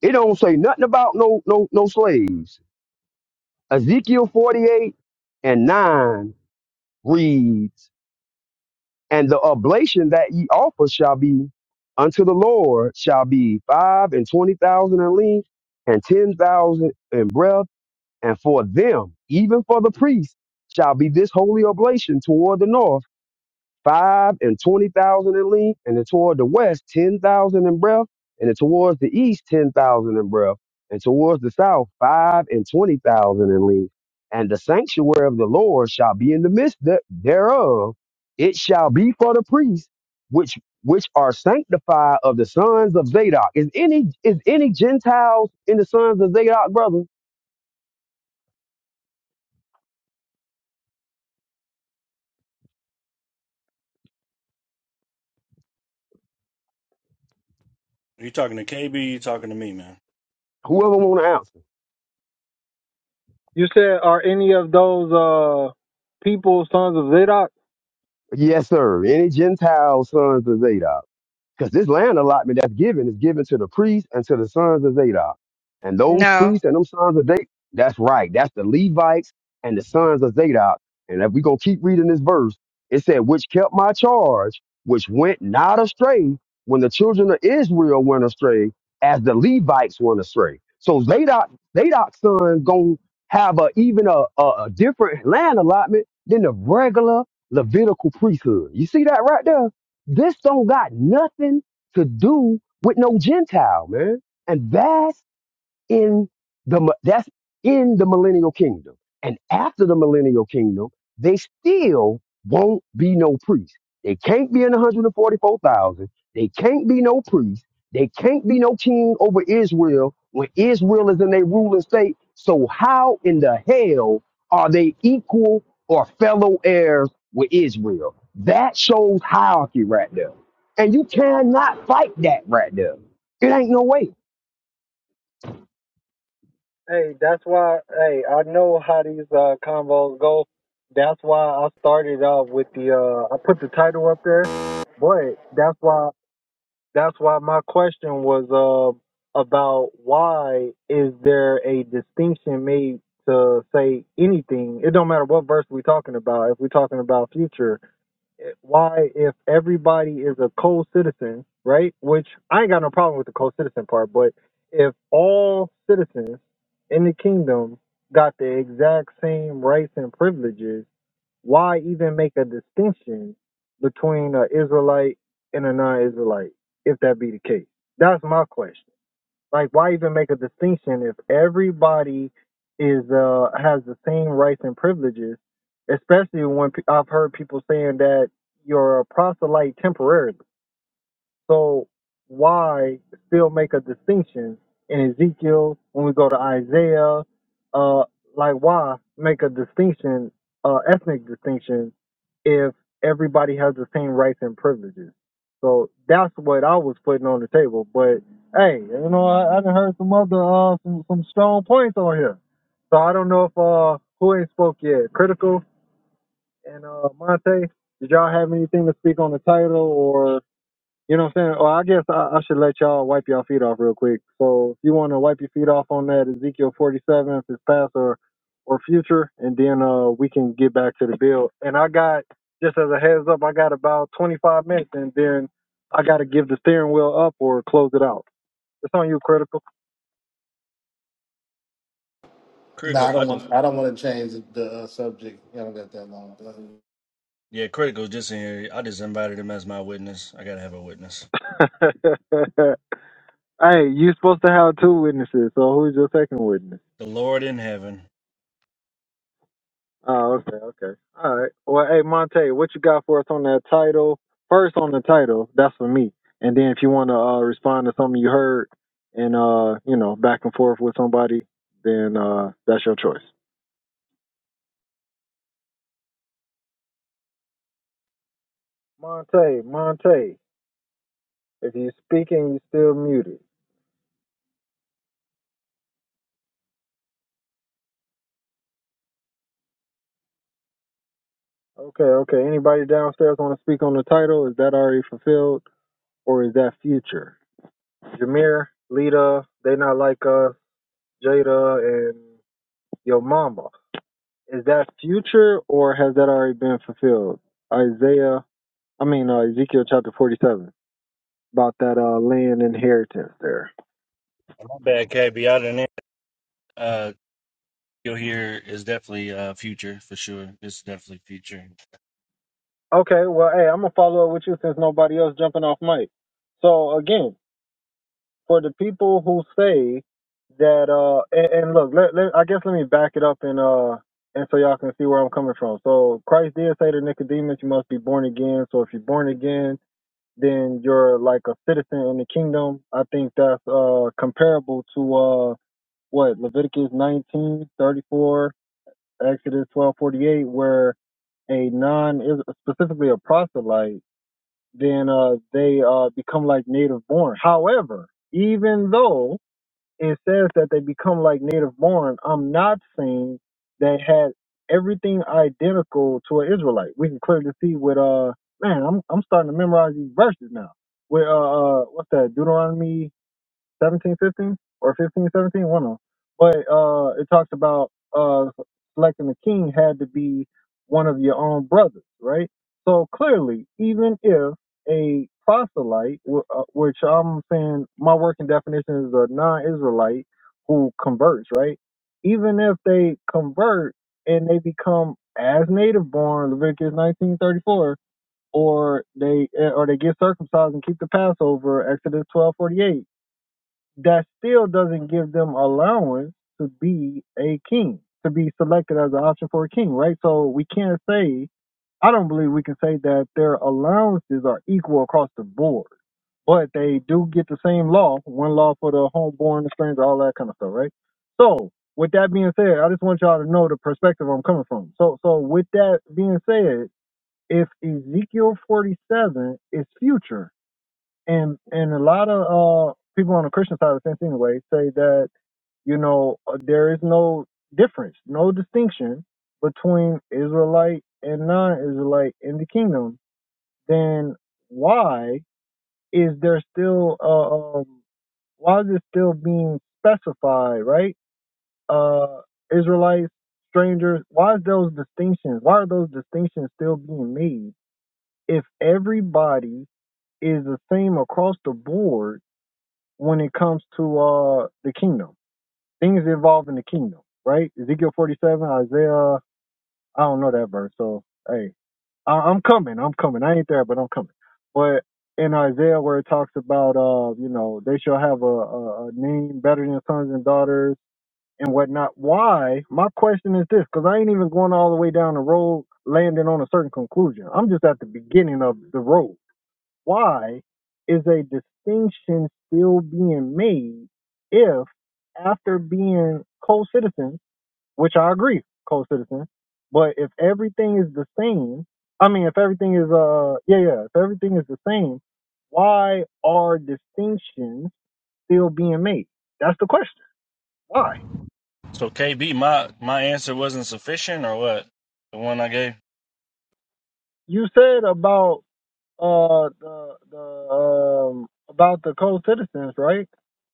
it don't say nothing about no no no slaves ezekiel 48 and 9 reads And the oblation that ye offer shall be unto the Lord shall be five and twenty thousand in length and ten thousand in breadth. And for them, even for the priests, shall be this holy oblation toward the north five and twenty thousand in length, and then toward the west ten thousand in breadth, and then towards the east ten thousand in breadth, and towards the south five and twenty thousand in length. And the sanctuary of the Lord shall be in the midst the- thereof. It shall be for the priests, which which are sanctified of the sons of Zadok. Is any is any Gentiles in the sons of Zadok, brother? You talking to KB? You talking to me, man? Whoever want to answer. You said, "Are any of those uh people sons of Zadok?" Yes, sir. Any Gentile sons of Zadok. Because this land allotment that's given is given to the priests and to the sons of Zadok. And those No, priests and them sons of Zadok, that's right. That's the Levites and the sons of Zadok. And if we going to keep reading this verse, it said, which kept my charge, which went not astray when the children of Israel went astray, as the Levites went astray. So Zadok, Zadok's son going to have a, even a, a, a different land allotment than the regular Levitical priesthood. You see that right there? This don't got nothing to do with no Gentile, man. And that's in the that's in the millennial kingdom. And after the millennial kingdom, they still won't be no priest. They can't be in 144,000. They can't be no priest. They can't be no king over Israel when Israel is in their ruling state. So how in the hell are they equal or fellow heirs with Israel? That shows hierarchy right there. And you cannot fight that right there. It ain't no way. Hey, that's why. Hey, I know how these uh, convos go. That's why I started off with the. Uh, I put the title up there, but that's why. That's why my question was uh, about why is there a distinction made to say anything? It don't matter what verse we're talking about. If we're talking about future, why if everybody is a co-citizen, right? Which I ain't got no problem with the co-citizen part, but if all citizens in the kingdom got the exact same rights and privileges, why even make a distinction between an Israelite and a non-Israelite if that be the case? That's my question. Like, why even make a distinction if everybody is uh has the same rights and privileges? Especially when pe- I've heard people saying that you're a proselyte temporarily. So why still make a distinction in Ezekiel when we go to Isaiah? Uh, like why make a distinction, uh, ethnic distinction, if everybody has the same rights and privileges? So that's what I was putting on the table. But hey, you know, I, I done heard some other uh some, some strong points on here. So I don't know if uh who ain't spoke yet. Critical and uh Monte, did y'all have anything to speak on the title or you know what I'm saying? Or I guess I, I should let y'all wipe y'all feet off real quick. So if you want to wipe your feet off on that Ezekiel 47, if it's past or or future, and then uh we can get back to the bill. And I got just as a heads up, I got about 25 minutes, and then I got to give the steering wheel up or close it out. It's on you, critical. No, Critical. I I don't did. want. I don't want to change the uh, subject. I don't got that long. Yeah, critical. Just in here. I just invited him as my witness. I gotta have a witness. [laughs] hey, you supposed to have two witnesses. So who's your second witness? The Lord in heaven. Oh, okay, okay. All right. Well, hey, Monte, what you got for us on that title? First on the title, that's for me. And then if you want to uh, respond to something you heard and, uh, you know, back and forth with somebody, then uh, that's your choice. Monte, Monte, if you're speaking, you're still muted. Okay, okay. Anybody downstairs want to speak on the title? Is that already fulfilled or is that future? Jameer, Lita, they not like us, Jada, and your mama. Is that future or has that already been fulfilled? Isaiah, I mean uh, Ezekiel chapter 47 about that uh, land inheritance there. My bad, KB. I didn't. Uh, you'll hear is definitely uh future for sure. It's definitely future. Okay, well, hey, I'm gonna follow up with you since nobody else jumping off mic. So again, for the people who say that, uh, and, and look, let, let, I guess let me back it up and uh, and so y'all can see where I'm coming from. So Christ did say to Nicodemus, "You must be born again." So if you're born again, then you're like a citizen in the kingdom. I think that's uh comparable to uh what Leviticus 19 34, Exodus 12 48, where a non is specifically a proselyte, then uh they uh become like native born. However, even though and says that they become like native born, I'm not saying they had everything identical to an Israelite. We can clearly see with uh man, I'm I'm starting to memorize these verses now. With uh, uh what's that, Deuteronomy seventeen fifteen or fifteen seventeen, one of them. But uh, it talks about uh, selecting a king had to be one of your own brothers, right? So clearly, even if a proselyte, wh- uh, which I'm saying my working definition is a non-Israelite who converts, right? Even if they convert and they become as native born, Leviticus 19:34, or they eh, or they get circumcised and keep the Passover, Exodus 12:48 that still doesn't give them allowance to be a king, to be selected as an option for a king, right? So we can't say, I don't believe we can say that their allowances are equal across the board, but they do get the same law, one law for the homeborn, the stranger, all that kind of stuff, right? So with that being said, I just want y'all to know the perspective I'm coming from. So, so with that being said, if Ezekiel 47 is future, and and a lot of uh people on the Christian side of the fence anyway say that you know uh, there is no difference, no distinction between Israelite and non-Israelite in the kingdom. Then why is there still uh, um why is it still being specified right? Uh, Israelites, strangers. Why is those distinctions? Why are those distinctions still being made if everybody is the same across the board? when it comes to uh the kingdom, things involved in the kingdom, right? Ezekiel 47, Isaiah, I don't know that verse, so hey, I, I'm coming, I'm coming. I ain't there, but I'm coming. But in Isaiah, where it talks about, uh, you know, they shall have a, a, a name better than sons and daughters and whatnot. Why? My question is this, because I ain't even going all the way down the road, landing on a certain conclusion. I'm just at the beginning of the road why is a distinction still being made if after being co-citizens, which I agree, co-citizens, but if everything is the same, I mean, if everything is, uh, yeah, yeah, if everything is the same, why are distinctions still being made? That's the question. Why? So KB, my my answer wasn't sufficient, or what? The one I gave. You said about uh the the um about the co citizens, right?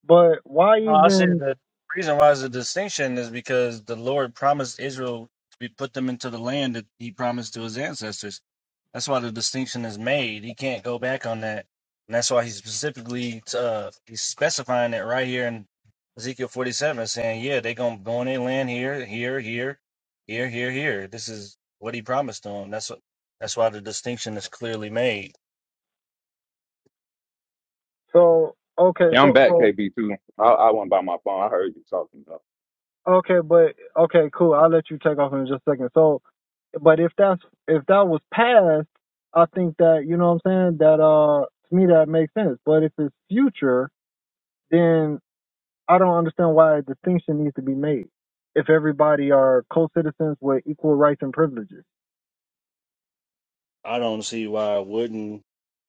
But why No, I said even the reason why it's a distinction is because the Lord promised Israel to be put them into the land that He promised to His ancestors. That's why the distinction is made. He can't go back on that, and that's why He specifically uh, He's specifying it right here in Ezekiel forty-seven, saying, "Yeah, they gonna go in their land here, here, here, here, here, here. This is what He promised them. That's what. That's why the distinction is clearly made." So okay, Hey, I'm so back, so KB too. I, I wasn't by my phone. I heard you talking though. okay, but okay, cool. I'll let you take off in just a second. So, but if that's if that was passed, I think that you know what I'm saying. That uh, to me that makes sense. But if it's future, then I don't understand why a distinction needs to be made. If everybody are co-citizens with equal rights and privileges. I don't see why it wouldn't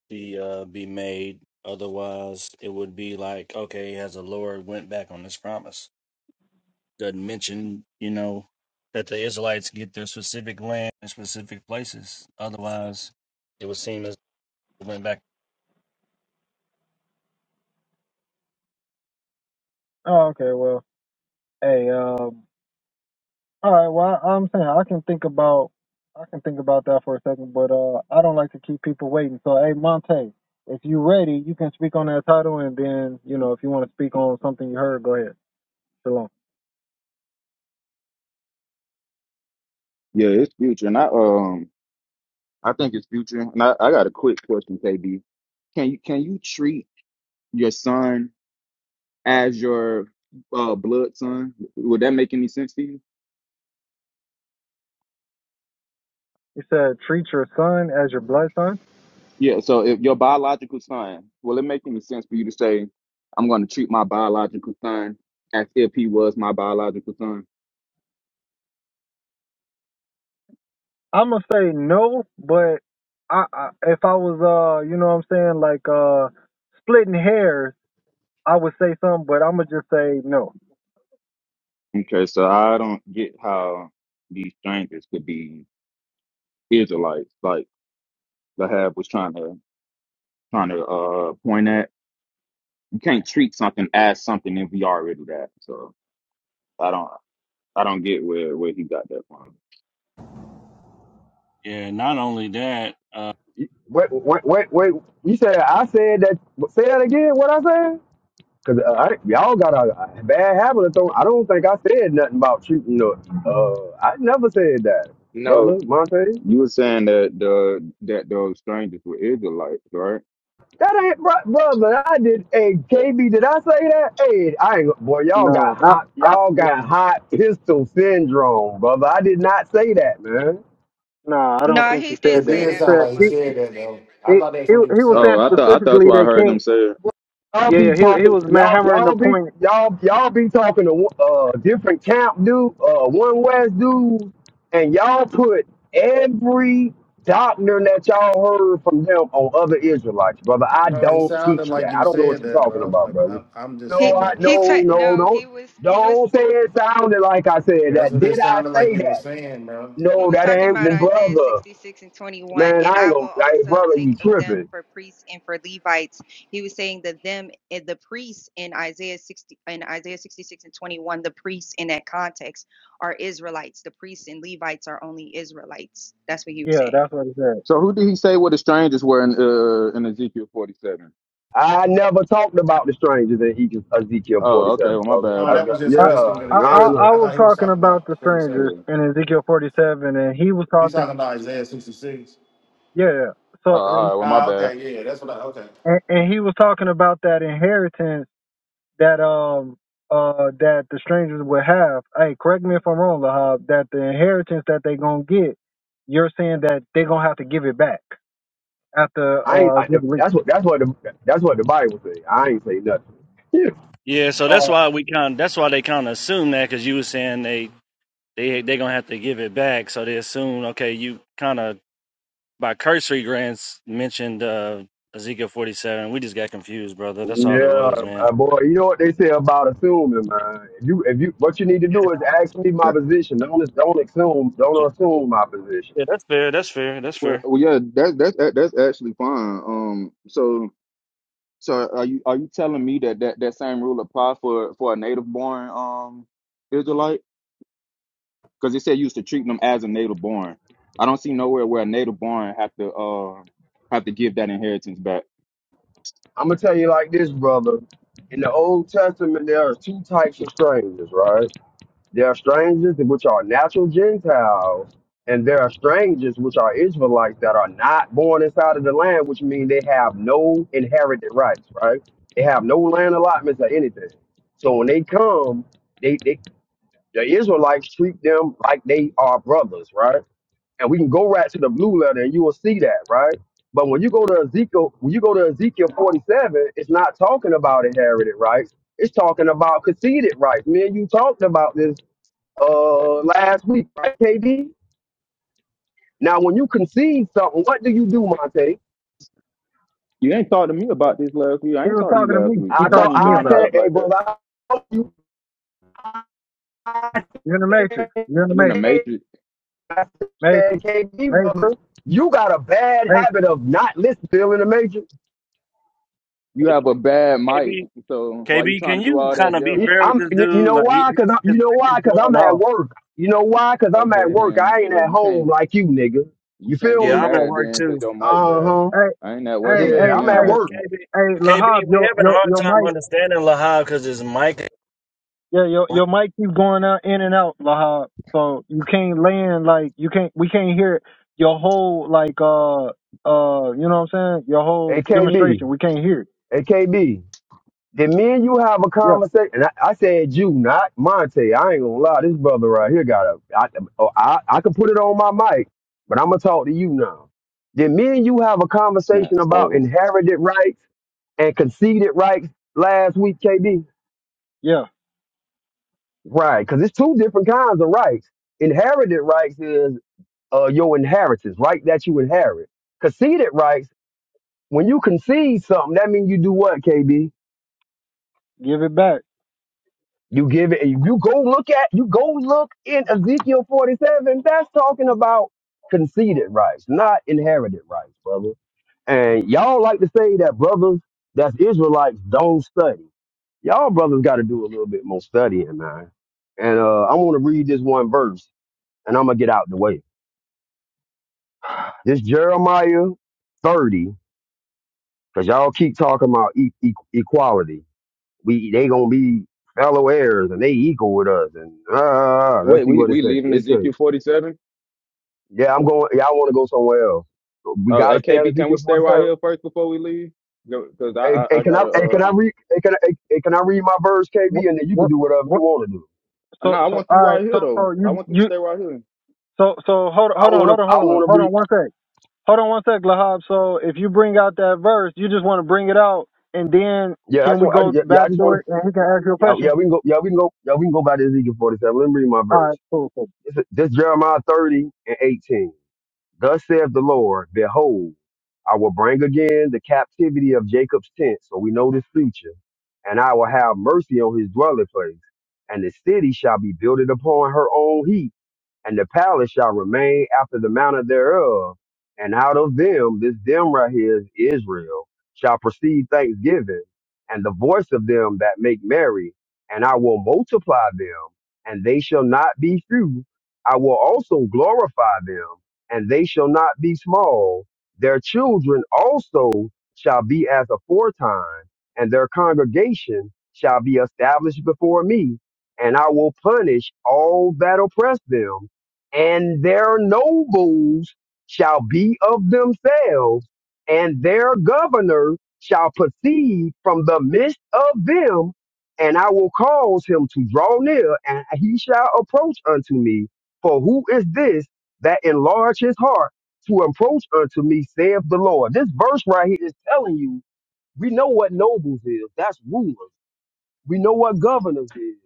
be uh be made. Otherwise, it would be like, okay, has the Lord went back on this promise? Doesn't mention, you know, that the Israelites get their specific land and specific places. Otherwise, it would seem as they went back. Oh, okay. Well, hey, um. All right. Well, I, I'm saying I can think about I can think about that for a second, but uh, I don't like to keep people waiting. So, hey, Monte, if you ready, you can speak on that title, and then you know if you want to speak on something you heard, go ahead. Shalom. Yeah, it's future, and I um, I think it's future. And I, I got a quick question, KB. Can you can you treat your son as your uh blood son? Would that make any sense to you? You said treat your son as your blood son. Yeah. So if your biological son, will it make any sense for you to say, I'm going to treat my biological son as if he was my biological son? I'm gonna say no, but I, I if I was uh you know what I'm saying like uh splitting hairs, I would say something, but I'm gonna just say no. Okay, so I don't get how these strangers could be Israelites, like the Lahab was trying to. trying to uh point at. You can't treat something as something if we already that. So I don't I don't get where where he got that from. Yeah. Not only that. Uh, Wait, wait, wait, wait. You said I said that. Say that again. What I said? Cause uh, I, y'all got a, a bad habit of throwing. I don't think I said nothing about shooting. Up. Uh, I never said that, brother No, Monte. you were saying that the that those strangers were Israelites, right? That ain't bro, brother. I did. Hey, KB, did I say that? Hey, I ain't. Boy, y'all No, got I hot. I Y'all got hot pistol syndrome, brother. I did not say that, man. nah, I don't no, think he he didn't said It that. say He did that, sound said brother like he he said Monte. that though. I He thought that's he he what you were was saying. Oh, saying I I thought don't. I thought that's specifically what I they heard him can't. say. y'all Yeah, be yeah. He he talking was ma- y'all hammering y'all the be point. y'all y'all be talking to uh different camp dude uh one west dude and y'all put every doctrine that y'all heard from them on other israelites brother i No, it don't sounded teach like that you i don't know what said you're that, talking bro. about Like brother I'm, I'm just no He sitting i back he no ta- listening. no no, don't he was he was don't say it sounded like i said Yeah, that that's what it did i sounded like say you were that saying, bro. He no was that talking about ain't Isaiah brother 66 and 21, man and i ain't I gonna will hey also brother you take of them tripping for priests and for Levites. He was saying that them, eh, the priests in Isaiah 60 in Isaiah 66 and 21, the priests in that context are Israelites. The priests and Levites are only Israelites. That's what he was Yeah, saying. that's what he said. So who did he say were the strangers were in uh in Ezekiel forty seven? I never talked about the strangers in Eke- Ezekiel Oh, okay. 47, Well, my brother. bad, Oh, I, that bro. was just a I yeah, I I I, ain't. miscommunication. I I was thought he was talking talking about the about 47. strangers Yeah. in Ezekiel forty seven, and he was He's talking. talking about Isaiah 66. Yeah, yeah. Oh, So all right. Well, my Ah, bad. okay, yeah, that's what I okay. and, and he was talking about that inheritance that um uh that the strangers would have. Hey, correct me if I'm wrong, Lahab. That the inheritance that they gonna get, you're saying that they gonna have to give it back after I ain't uh I, Jubilee. that's what that's what the that's what the Bible say. I ain't say nothing. Yeah, yeah. So that's Uh, why we kind. That's why they kind of assume that because you were saying they they they gonna have to give it back. So they assume, okay, you kind of by cursory glance mentioned uh, Ezekiel 47. We just got confused, brother. That's all yeah, it was, man. uh, boy. You know what they say about assuming, man. If you if you what you need to do is ask me my Yeah. position. Don't don't assume So, don't assume yeah, my position. that's fair. That's fair. That's Well, fair. well, yeah. That's that's that's actually fine. Um. So So are you are you telling me that that, that same rule apply for for a native born um Israelite? Because it said you used to treat them as a native born. I don't see nowhere where a native born have to uh have to give that inheritance back. I'm gonna tell you like this, brother. In the Old Testament, there are two types of strangers, right? There are strangers which are natural Gentiles, and there are strangers which are Israelites that are not born inside of the land, which means they have no inherited rights, right? They have no land allotments or anything. So when they come, they, they the Israelites treat them like they are brothers, right? And we can go right to the blue letter and you will see that, right? But when you go to Ezekiel, when you go to Ezekiel 47, it's not talking about inherited rights. It's talking about conceded rights. Me and you talked about this uh last week, right, KD? Now, when you concede something, what do you do, Monte? You ain't talked to me about this last week. I he ain't was talked to you talking to last me. week. He I 'cause I told ain't talked to even me been I on the about it. said, app hey, like that. brother, I told you, I You're in the said, matrix. You're in the You in the matrix. K- matrix. I said, Matrix. KD, brother, Matrix. you got a bad Matrix. habit of not listening to in the major. You have a bad mic. KB, So why you KB, trying can to do you all kind that of be yelling? fair with I'm, this you dude? know Like, he, his why? Cause I'm, you mic know is why? Cause I'm going at off. work. You know why? Cause I'm at Okay, work. then I ain't well at you home can't like you, nigga. you You can't feel get Yeah, me? I'm at mad work then too. because your mic Uh bad. huh. Hey, I ain't at work. hey, I'm at the Yeah, hey, I'm gym at hey, work. actually. KB, hey, KB, Lahab, we your having a your hard your time mic, understanding Lahab because his mic. is yeah, your blank. your mic keeps going out in and out, Lahab. So you can't land like you can't. We can't hear your whole like uh uh. You know what I'm saying? Your whole AKB, demonstration. We can't hear it. AKB. Did me and you have a Yeah, conversation? And I, I said you, not Monte. I ain't gonna lie, this brother right here got a. I, oh, I I can put it on my mic, but I'm gonna talk to you now. Did me and you have a It's not conversation about slow. inherited rights and conceded rights last week, KB? yeah. Right, because it's two different kinds of rights. Inherited rights is uh, your inheritance, right? That you inherit. Conceded rights, when you concede something, that means you do what, KB? Give it back. You give it, you go look at, you go look in Ezekiel 47. That's talking about conceded rights, not inherited rights, brother. And y'all like to say that brothers, that's Israelites, don't study. Y'all brothers got to do a little bit more studying, man. And uh, I want to read this one verse, and I'm gonna get out the way. This Jeremiah 30, because y'all keep talking about e- e- equality. We they gonna be fellow heirs, and they equal with us. And ah, ah, ah, let's Wait, see we what it we says. leaving It says, Ezekiel forty seven. Yeah, I'm going. Y'all want to go somewhere else? We Oh, hey gotta stay on KP, can we Ezekiel stay right 47. here first before we leave? Because I, Hey, I hey, I can I? gotta Hey, can uh I read? Hey, can I? Hey, hey, can I read my verse, What KB? And then you can what do whatever you what? want to do. no, So I so want all you right right. here So though. so I you want you to you stay right here. so so hold on I hold on want to. hold on I hold on want to hold read. on one sec. Hold on one sec, Lahab. So if you bring out that verse, you just want to bring it out, and then Yeah, I can just. we want- I, go yeah, yeah, back I just to want to. it and he can ask you a Yeah, yeah, question? we can go. Yeah, we can go. Yeah, we can go by to Ezekiel 47. Let me read my All right, verse. cool, cool. This, is- this Jeremiah 30 and 18. Thus saith the Lord, behold, I will bring again the captivity of Jacob's tent, so we know this future, and I will have mercy on his dwelling place, and the city shall be built upon her own heap and the palace shall remain after the manner thereof. And out of them, this them right here is Israel, shall proceed thanksgiving, and the voice of them that make merry, and I will multiply them, and they shall not be few. I will also glorify them, and they shall not be small. Their children also shall be as aforetime, and their congregation shall be established before me, and I will punish all that oppress them and their nobles shall be of themselves, and their governor shall proceed from the midst of them, and I will cause him to draw near, and he shall approach unto me. For who is this that enlarge his heart to approach unto me, saith the Lord? This verse right here is telling you we know what nobles is. That's rulers. We know what governors is.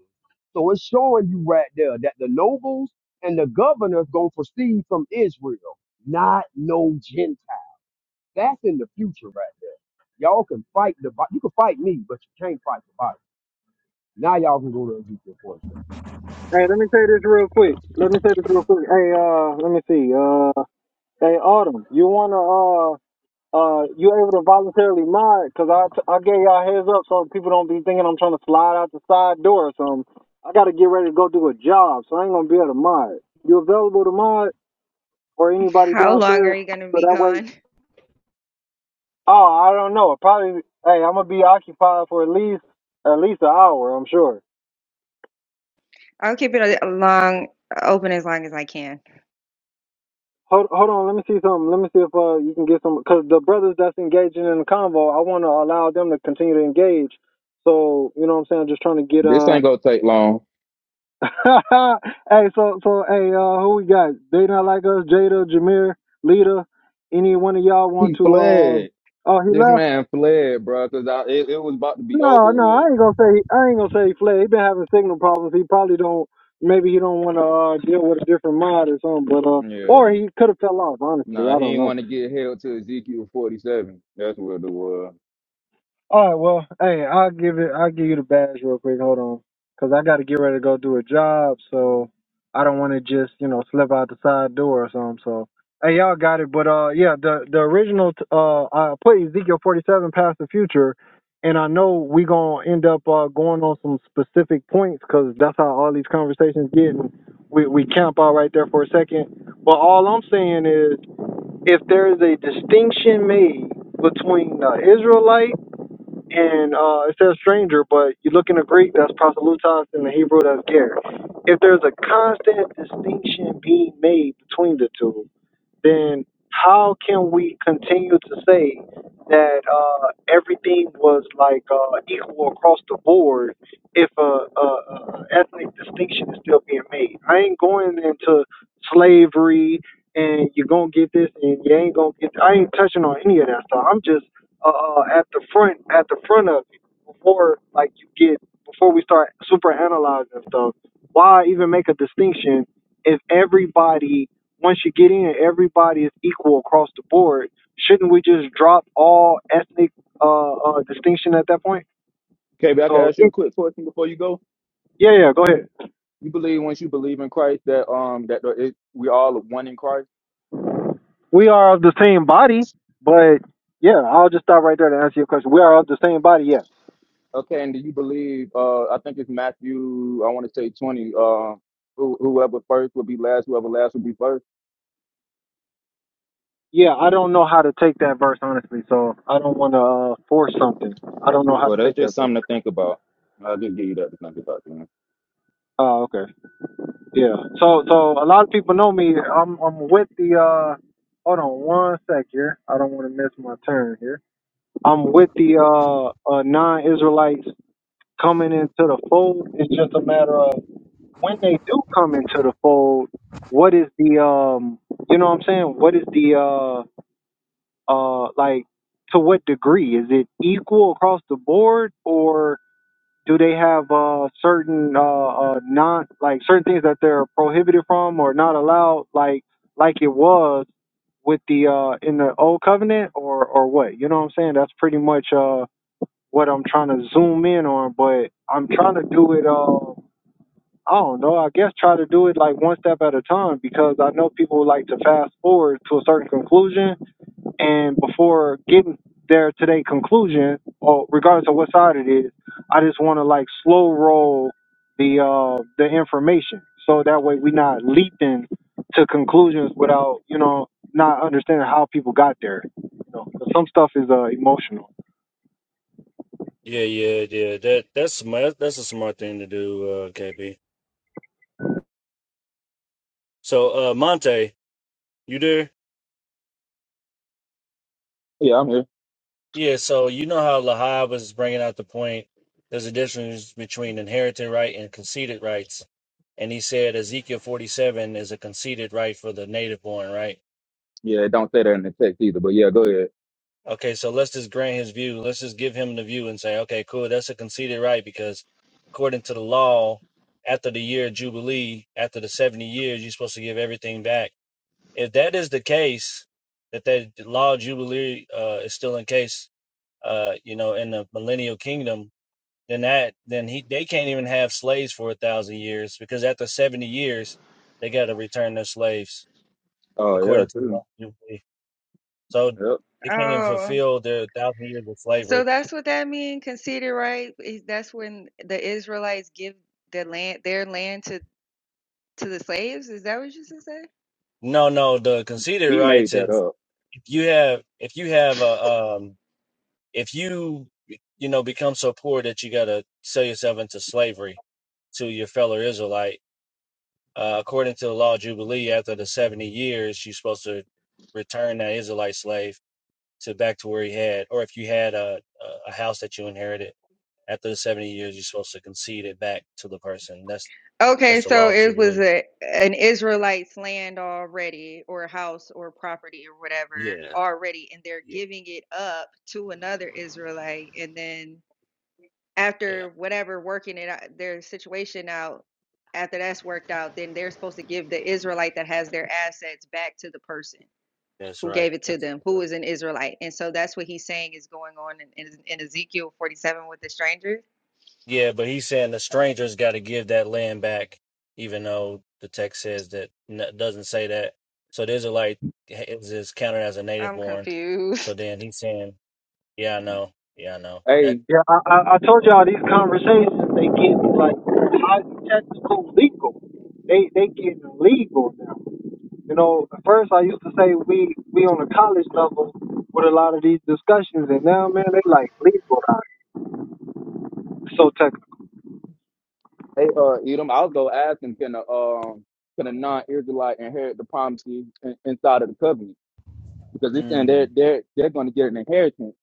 So it's showing you right there that the nobles and the governors gonna proceed from Israel, not no Gentile. That's in the future right there. Y'all can fight the Bi- you can fight me, but you can't fight the Bible. Now y'all can go to Ezekiel 46. Hey, let me say this real quick. Let me say this real quick. Hey, uh, let me see. Uh, hey, Autumn, you wanna uh uh you able to voluntarily mod? Cause I I gave y'all a heads up so people don't be thinking I'm trying to slide out the side door or something. I gotta get ready to go do a job, so I ain't gonna be able to mod. You available to mod or anybody How long downstairs? are you gonna So be that way gone? Oh, I don't know. Probably. Hey, I'm gonna be occupied for at least at least an hour. I'm sure. I'll keep it a- long, open as long as I can. Hold hold on. Let me see something. Let me see if uh you can get some because the brothers that's engaging in the convo, I want to allow them to continue to engage. So you know what I'm saying. Just trying to get This uh. ain't gonna take long. [laughs] hey, so so hey, uh, who we got? They not like us. Jada, Jameer, Lita. Any one of y'all want He to? fled. Um. Oh, he This left. man fled, bro, because I it, it was about to be over No, no, I with. ain't gonna say I ain't gonna say he fled. He been having signal problems. He probably don't. Maybe he don't want to uh, deal with a different mod or something. But uh, or Yeah. he could have fell off. Honestly, Nah, I he don't didn't know. want to get held to Ezekiel forty seven. That's where the was. All right, well, hey, I'll give it. I'll give you the badge real quick. Hold on, cause I got to get ready to go do a job, so I don't want to just you know slip out the side door or something. So, hey, y'all got it. But uh, yeah, the the original t- uh, I put Ezekiel forty seven past the future, and I know we gonna end up uh going on some specific points, cause that's how all these conversations get. And we we camp out right there for a second. But all I'm saying is, if there is a distinction made between the Israelite and uh, it says stranger, but you look in the Greek, that's proselutos, in the Hebrew, that's ger. If there's a constant distinction being made between the two, then how can we continue to say that uh, everything was like uh, equal across the board if a, a, a ethnic distinction is still being made? I ain't going into slavery and you're gonna get this and you ain't gonna get. I ain't touching on any of that stuff. I'm just uh, uh, at the front at the front of it before like you get before we start super analyzing stuff. Why even make a distinction if everybody once you get in, everybody is equal across the board. Shouldn't we just drop all ethnic uh, uh, distinction at that point? KB, I can So ask you a quick question before you go. yeah, yeah, go ahead. You believe once you believe in Christ that um that the- it, we all are one in Christ. We are of the same body, but yeah, I'll just stop right there to answer your question. We are of the same body, yes. Okay, and do you believe? Uh, I think it's Matthew. I want to say twenty. Uh, who, whoever first will be last. Whoever last will be first. Yeah, I don't know how to take that verse honestly, so I don't want to uh, force something. I don't know how Well, to that's take that just verse. something to think about. I'll just give you that to think about. You know? Oh, okay. Yeah. So, so a lot of people know me. I'm, I'm with the. uh Hold on one sec here. I don't want to miss my turn here. I'm with the uh, uh, non-Israelites coming into the fold. It's just a matter of when they do come into the fold. What is the um, you know what I'm saying? What is the uh, uh, like to what degree is it equal across the board, or do they have uh certain uh, uh non like certain things that they're prohibited from or not allowed like like it was with the uh in the old covenant or or what you know what i'm saying that's pretty much uh what I'm trying to zoom in on, but I'm trying to do it. Uh, I don't know. I guess try to do it like one step at a time because I know people like to fast forward to a certain conclusion, and before getting there to their conclusion, or regardless of what side it is, I just want to like slow roll the uh the information so that way we not leaping to conclusions without you know not understanding how people got there. You know, 'cause some stuff is uh emotional. Yeah, yeah, yeah. That that's smart. That's a smart thing to do, uh, KB. So, uh, Monte, you there? Yeah, I'm here. Yeah, so you know how Lahab was bringing out the point there's a difference between inherited right and conceded rights. And he said Ezekiel 47 is a conceded right for the native born, right? Yeah, it don't say that in the text either. But yeah, go ahead. Okay, so let's just grant his view. Let's just give him the view and say, okay, cool, that's a conceded right because according to the law, after the year of Jubilee, after the 70 years, you're supposed to give everything back. If that is the case, that that law of Jubilee uh, is still in case, uh, you know, in the millennial kingdom, then that then he they can't even have slaves for a thousand years because after seventy years they got to return their slaves Oh yeah, according to the law. true. So Yep. they can't even Oh, fulfill their thousand years of so slavery. that's what that means, Conceded, right? Is- That's when the Israelites give the land, their land to to the slaves? Is that what you just said? No, no. The conceded He made rights that is up. if you have if you have a um if you you know become so poor that you got to sell yourself into slavery to your fellow Israelite. Uh, according to the law of Jubilee, after the 70 years, you're supposed to return that Israelite slave to back to where he had, or if you had a a house that you inherited after the seventy years, you're supposed to concede it back to the person. That's Okay, that's the so law of it was jubilee. a an Israelite's land already, or house, or property, or whatever, Yeah, already, and they're yeah, giving it up to another Israelite, and then yeah. after whatever working it out, their situation out, after that's worked out, then they're supposed to give the Israelite that has their assets back to the person That's who gave right. it to That's them, a- who is an Israelite, and so that's what he's saying is going on in, in, in Ezekiel forty seven with the strangers. yeah, but he's saying the stranger's got to give that land back, even though the text says that doesn't say that. So the Israelite is is counted as a native I'm born. confused. So then he's saying, yeah, I know, yeah, I know that. Hey, Yeah, I, I, I told y'all these conversations they get like high technical legal. They they getting legal now. You know, at first I used to say we we on a college level with a lot of these discussions, and now man they like legal now. So technical. hey, uh, Edom. I was gonna ask him, can a um, can a non-Israelite inherit the promises in, inside of the covenant? Because it's saying they're Mm. they're they're going to get an inheritance,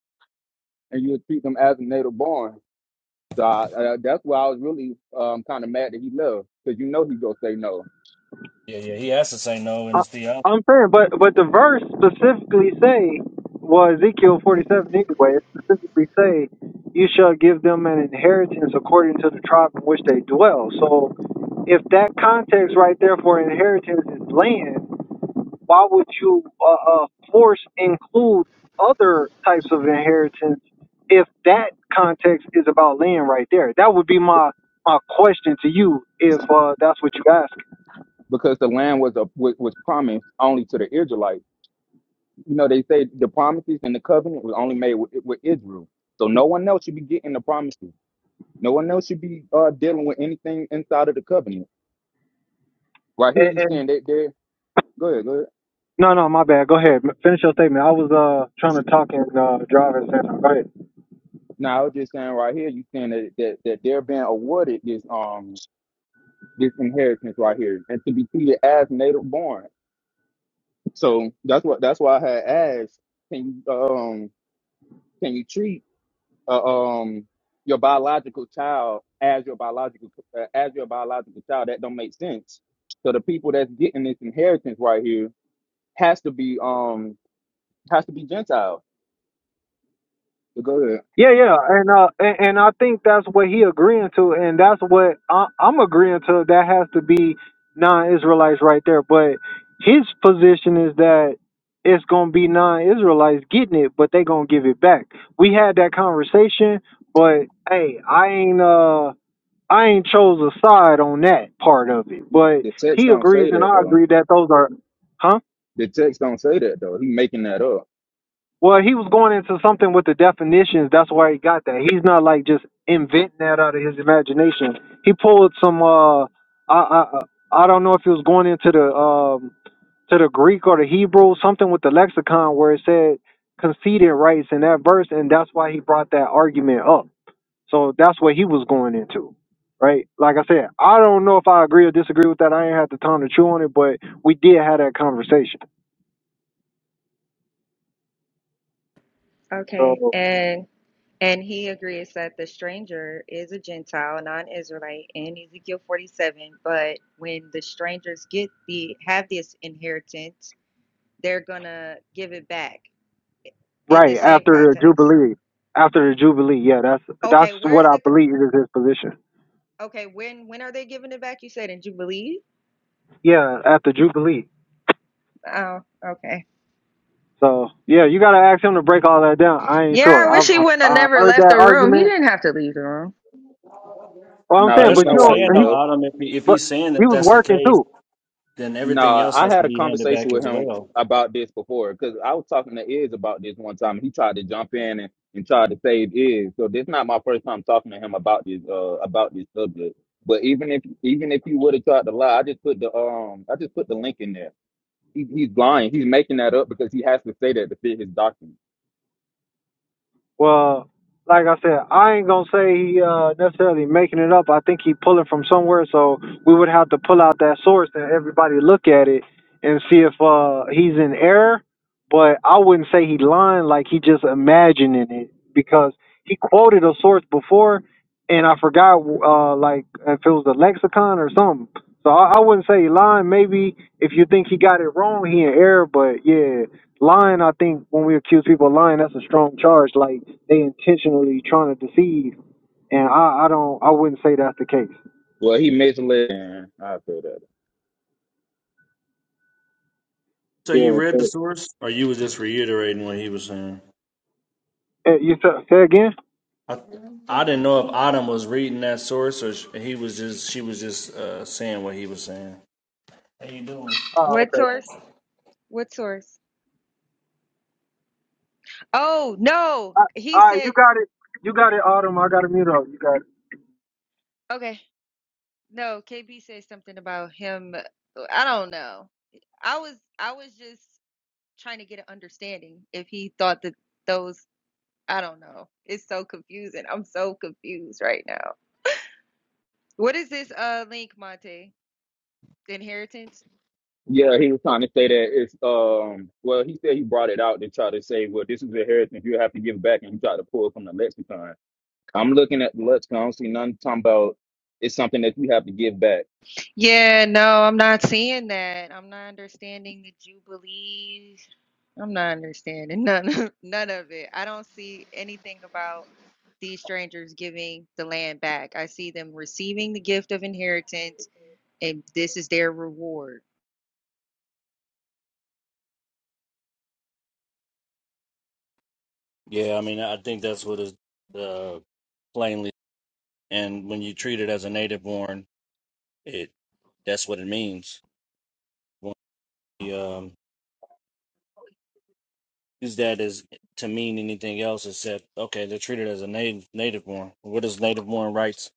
and you would treat them as a native born. So I, uh, that's why I was really um, kind of mad that he left, because you know he gonna say no, Yeah, yeah. He has to say no in I, his theology. I'm saying, but but the verse specifically say, well, Ezekiel 47 anyway, it specifically say, you shall give them an inheritance according to the tribe in which they dwell. So if that context right there for inheritance is land, why would you uh, uh, force include other types of inheritance if that context is about land right there? That would be my my question to you if uh, that's what you ask. because the land was a was, was promised only to the Israelites. You know they say the promises and the covenant was only made with, with Israel, so no one else should be getting the promises. No one else should be uh, dealing with anything inside of the covenant. Right here, And, you and saying that they're go ahead, go ahead. No, no, my bad. Go ahead. Finish your statement. I was uh trying to talk and uh drive at the same time. Go ahead. No, I was just saying right here, you saying that, that that they're being awarded this um this inheritance right here, and to be treated as native born. So that's what that's why I had asked, can you um can you treat uh, um your biological child as your biological uh, as your biological child? That don't make sense. So the people that's getting this inheritance right here has to be um has to be Gentile. But go ahead. Yeah, yeah, and uh and, and I think that's what he agreeing to, and that's what I, I'm agreeing to. That has to be non-Israelites right there. But his position is that it's gonna be non-Israelites getting it, but they gonna give it back. We had that conversation, but hey, I ain't uh I ain't chose a side on that part of it. But The text he don't agrees say and that I though. agree that those are, huh? The text don't say that though. He making that up. Well, he was going into something with the definitions. That's why he got that. He's not like just inventing that out of his imagination. He pulled some. Uh, I I I I don't know if he was going into the um to the Greek or the Hebrew, something with the lexicon where it said conceded rights in that verse, and that's why he brought that argument up. So that's what he was going into, right? Like I said, I don't know if I agree or disagree with that. I ain't had the time to chew on it, but we did have that conversation. So. Okay. And and he agrees that the stranger is a Gentile, non-Israelite in Ezekiel 47, but when the strangers get the have this inheritance, they're gonna give it back in the Right same after the context. Jubilee, after the Jubilee, yeah, that's that's Okay, what where's I the believe is his position. okay, when when are they giving it back? You said in Jubilee? Yeah, after Jubilee. Oh, okay. So yeah, you gotta ask him to break all that down. I ain't Yeah, I sure. wish I've he wouldn't have I never heard left that the room. He argument. didn't have to leave the room. Well, I'm But Now saying, he that's but what know you I'm why he saying, don't. He, though, left. Autumn. If he, if but he's saying he that was that's the working case, too. then everything No, else I has to had a be handed conversation back with as him well. about this before because I was talking to Iz about this one time. He tried to jump in and, and tried to save Iz. So this not my first time talking to him about this uh about this subject. But even if even if you would have tried to lie, I just put the um I just put the link in there. He, he's lying. He's making that up because he has to say that to fit his document. Well, like I said, I ain't gonna say he uh, necessarily making it up. I think he pulling from somewhere, so we would have to pull out that source and everybody look at it and see if uh, he's in error. But I wouldn't say he lying, like he just imagining it because he quoted a source before, and I forgot uh, like if it was the lexicon or something. So I, I wouldn't say he lying. Maybe if you think he got it wrong, he in error. But yeah, Lying, I think, when we accuse people of lying, that's a strong charge. Like they intentionally trying to deceive, and I, I don't, I wouldn't say that's the case. Well, he misled. I say that. So you Yeah, read the but source, or you was just reiterating what he was saying? eh, you sa- say again? I I didn't know if Autumn was reading that source, or sh- he was just she was just uh, saying what he was saying. How you doing? Oh, What okay. source? What source? Oh, no. I, He all right, you said, got it. You got it, Autumn. I got to mute up. You got it. okay. No, KB said something about him. uh, I don't know. I was I was just trying to get an understanding if he thought that those I don't know. It's so confusing. I'm so confused right now. What is this uh link, Monte? The inheritance? Yeah, he was trying to say that it's um well he said he brought it out to try to say, well, this is a inheritance you have to give back and he tried to pull it from the lexicon. I'm looking at the Lexicon. I don't see none talking about it's something that you have to give back. Yeah, no, I'm not seeing that. I'm not understanding the Jubilees. I'm not understanding none of [laughs] none of it. I don't see anything about these strangers giving the land back. I see them receiving the gift of inheritance and this is their reward. Yeah, I mean, I think that's what is uh, plainly, and when you treat it as a native born, it that's what it means. When the um, use that as to mean anything else except okay, they're treated as a native native born. What is native born rights?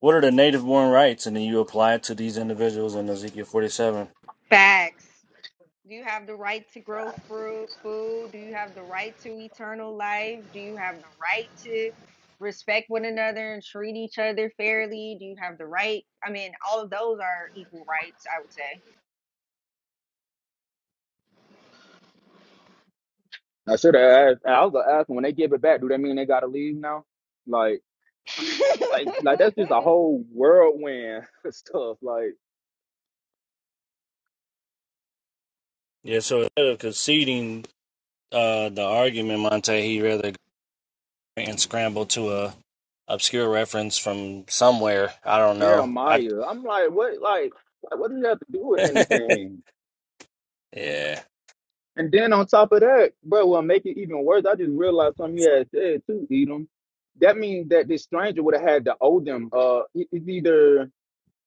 What are the native born rights? And then you apply it to these individuals in Ezekiel forty seven. Facts. Do you have the right to grow fruit, food? Do you have the right to eternal life? Do you have the right to respect one another and treat each other fairly? Do you have the right? I mean, all of those are equal rights, I I should have asked. I was gonna ask them, when they give it back, do that mean they gotta leave now? Like, like, like that's would say. just [laughs] a whole whirlwind [laughs] stuff. Like Yeah, so instead of conceding uh, the argument, Monte, he rather and scramble to a obscure reference from somewhere. I don't know. I Jeremiah, I'm like, what, like, like, what does that have to do with [laughs] anything? yeah. And then on top of that, bro, well, make it even worse. I just realized something you had said too, Edom. That means that this stranger would have had to owe them. Uh, it- it's either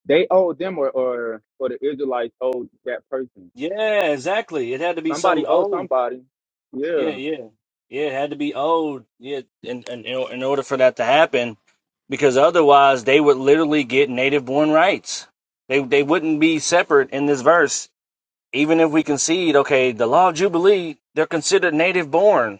they owe them or or or the Israelites owed that person Yeah, exactly. It had to be Somebody something owe old. somebody. Yeah, Yeah, yeah, yeah. It had to be old. Yeah, and in, in, in order for that to happen, because otherwise they would literally get native-born rights. They they wouldn't be separate in this verse. Even if we concede, okay, the law of jubilee, they're considered native-born,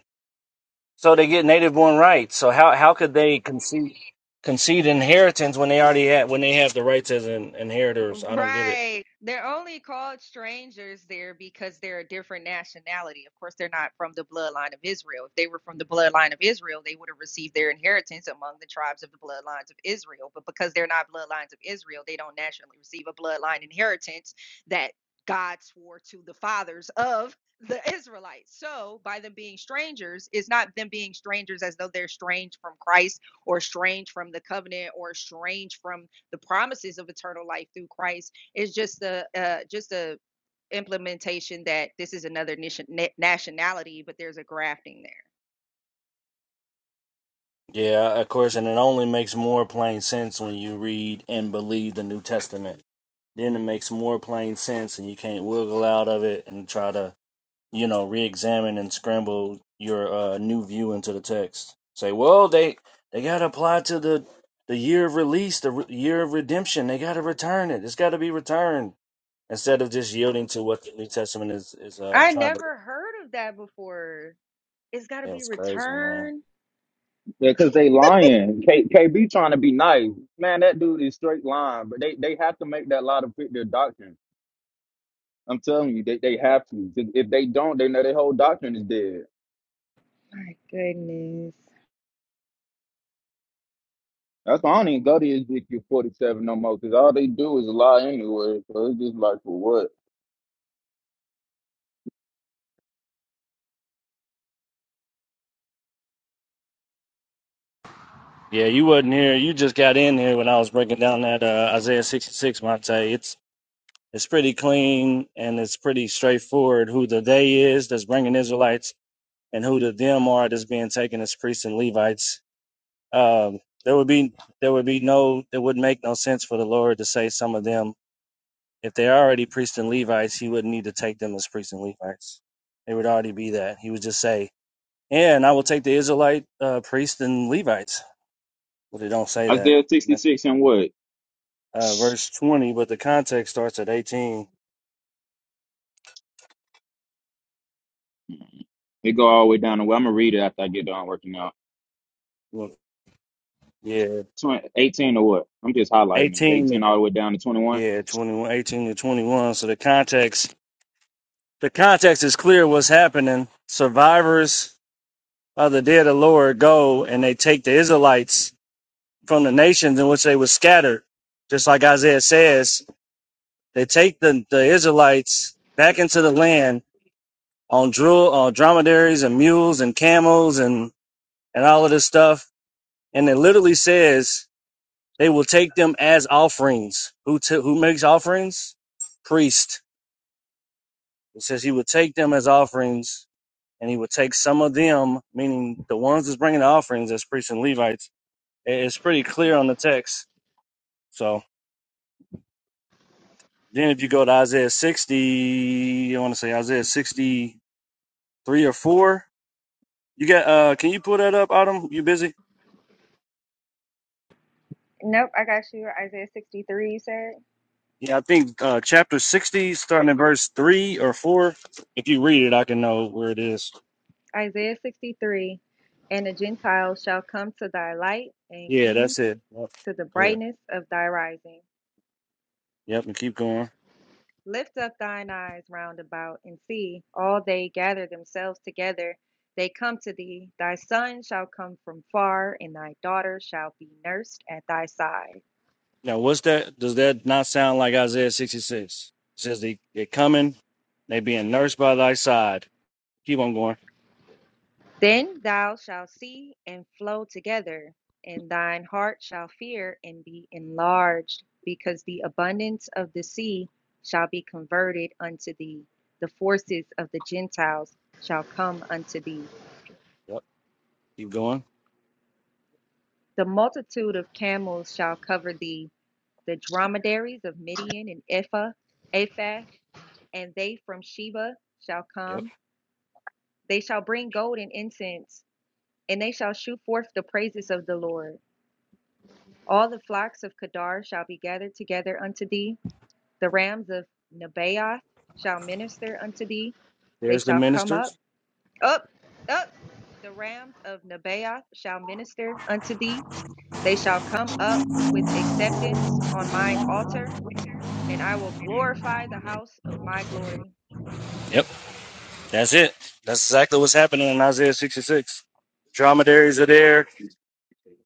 so they get native-born rights. So how how could they concede concede inheritance when they already had when they have the rights as in, inheritors? I don't get it. Right. They're only called strangers there because they're a different nationality. Of course, they're not from the bloodline of Israel. If they were from the bloodline of Israel, they would have received their inheritance among the tribes of the bloodlines of Israel. But because they're not bloodlines of Israel, they don't naturally receive a bloodline inheritance that God swore to the fathers of the Israelites. So, by them being strangers, it's not them being strangers as though they're strange from Christ or strange from the covenant or strange from the promises of eternal life through Christ. It's just a uh, just a implementation that this is another nationality, but there's a grafting there. Yeah, of course, and it only makes more plain sense when you read and believe the New Testament. then it makes more plain sense and you can't wiggle out of it and try to you know re-examine and scramble your uh, new view into the text say well they they got to apply to the the year of release the re- year of redemption they got to return it it's got to be returned instead of just yielding to what the new testament is is uh I trying to never heard of that before. It's got to yeah, be was crazy man returned. yeah, because they lying. K- KB trying to be nice. Man, that dude is straight lying. But they, they have to make that lie to fit their doctrine. I'm telling you, they, they have to. If if they don't, they know their whole doctrine is dead. My goodness. That's why I don't even go to Ezekiel 47 no more, because all they do is lie anyway. So it's just like, for what? yeah you wasn't here you just got in here when i was breaking down that uh, isaiah 66 monte it's It's pretty clean and it's pretty straightforward who the they is that's bringing Israelites and who the them are that's being taken as priests and Levites. Um, there would be there would be no it would make no sense for the Lord to say some of them if they're already priests and Levites, he wouldn't need to take them as priests and Levites. They would already be that. He would just say, "And I will take the Israelite uh, priests and Levites," but it don't say that. Isaiah 66 and what? Uh, verse twenty, but the context starts at eighteen. It go all the way down to what? I'm going to read it after I get done working out. Well, Yeah, 20, eighteen or what? I'm just highlighting it. eighteen. 18 all the way down to 21. Yeah, 21, 18 to 21. So the context, the context is clear what's happening. Survivors of the day of the Lord go and they take the Israelites from the nations in which they were scattered. Just like Isaiah says, they take the, the Israelites back into the land on drill, uh, dromedaries and mules and camels and, and all of this stuff. And it literally says they will take them as offerings. Who, t- who makes offerings? Priest It says he would take them as offerings, and he would take some of them, meaning the ones that's bringing the offerings as priests and Levites. It's pretty clear on the text. So then, if you go to Isaiah 60, I want to say Isaiah 63 or 4. You got? Uh, can you pull that up, Autumn? You busy? Nope, I got you. Isaiah 63, you said? Yeah, I think uh, chapter 60, starting in verse 3 or 4. If you read it, I can know where it is. Isaiah 63 And the Gentiles shall come to thy light, and Yeah, kings that's it. Yep. to the Go ahead. brightness of thy rising. Yep, and keep going. Lift up thine eyes round about and see, all they gather themselves together. They come to thee. Thy son shall come from far, and thy daughter shall be nursed at thy side. Now, what's that? Does that not sound like Isaiah 66? It says they, they're coming, they being nursed by thy side. Keep on going. Then thou shalt see and flow together, and thine heart shall fear and be enlarged, because the abundance of the sea shall be converted unto thee. The forces of the Gentiles shall come unto thee. Yep. Keep going. The multitude of camels shall cover thee the dromedaries of Midian and Ephah, Ephah, and they from Sheba shall Yep. come. They shall bring gold and incense, and they shall shew forth the praises of the Lord. All the flocks of Kedar shall be gathered together unto thee. The rams of Nebaioth shall minister unto thee. They There's the shall come up, ministers. up, up. The rams of Nebaioth shall minister unto thee. They shall come up with acceptance on mine altar. and I will glorify the house of my glory. Yep. That's it. That's exactly what's happening in Isaiah 66. Dromedaries are there.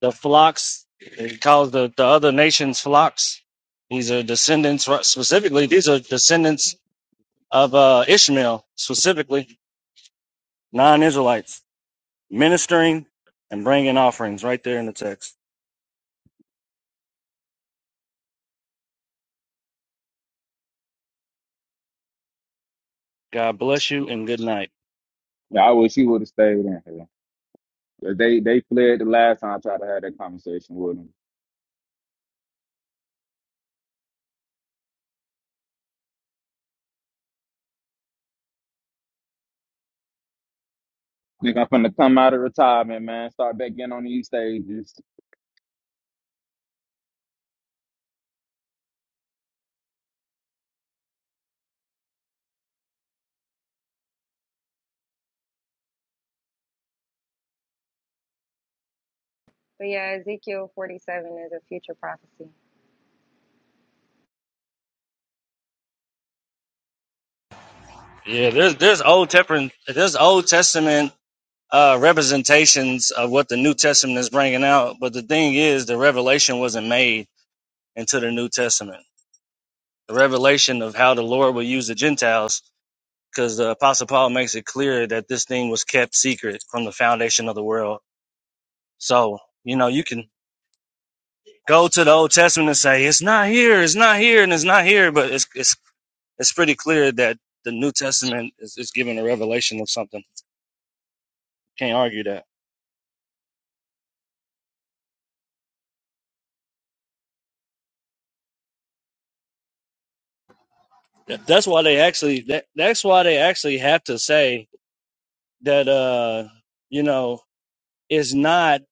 The flocks, he calls the, the other nations flocks. These are descendants, right, specifically, these are descendants of uh, Ishmael, specifically, non Israelites, ministering and bringing offerings right there in the text. God bless you and good night. Yeah, I wish he would have stayed in here. They they fled the last time I tried to have that conversation with them. Think I'm finna come out of retirement, man. Start back in on these stages. But yeah, Ezekiel 47 is a future prophecy. Yeah, there's there's old testament there's old testament uh, representations of what the New Testament is bringing out, but the thing is, the revelation wasn't made into the New Testament. The revelation of how the Lord will use the Gentiles, because the Apostle Paul makes it clear that this thing was kept secret from the foundation of the world. So you know you can go to the Old Testament and say it's not here, it's not here, and it's not here, but it's it's it's pretty clear that the New Testament is, is giving a revelation of something. Can't argue that. That- That's why they actually that, that's why they actually have to say that uh you know it's not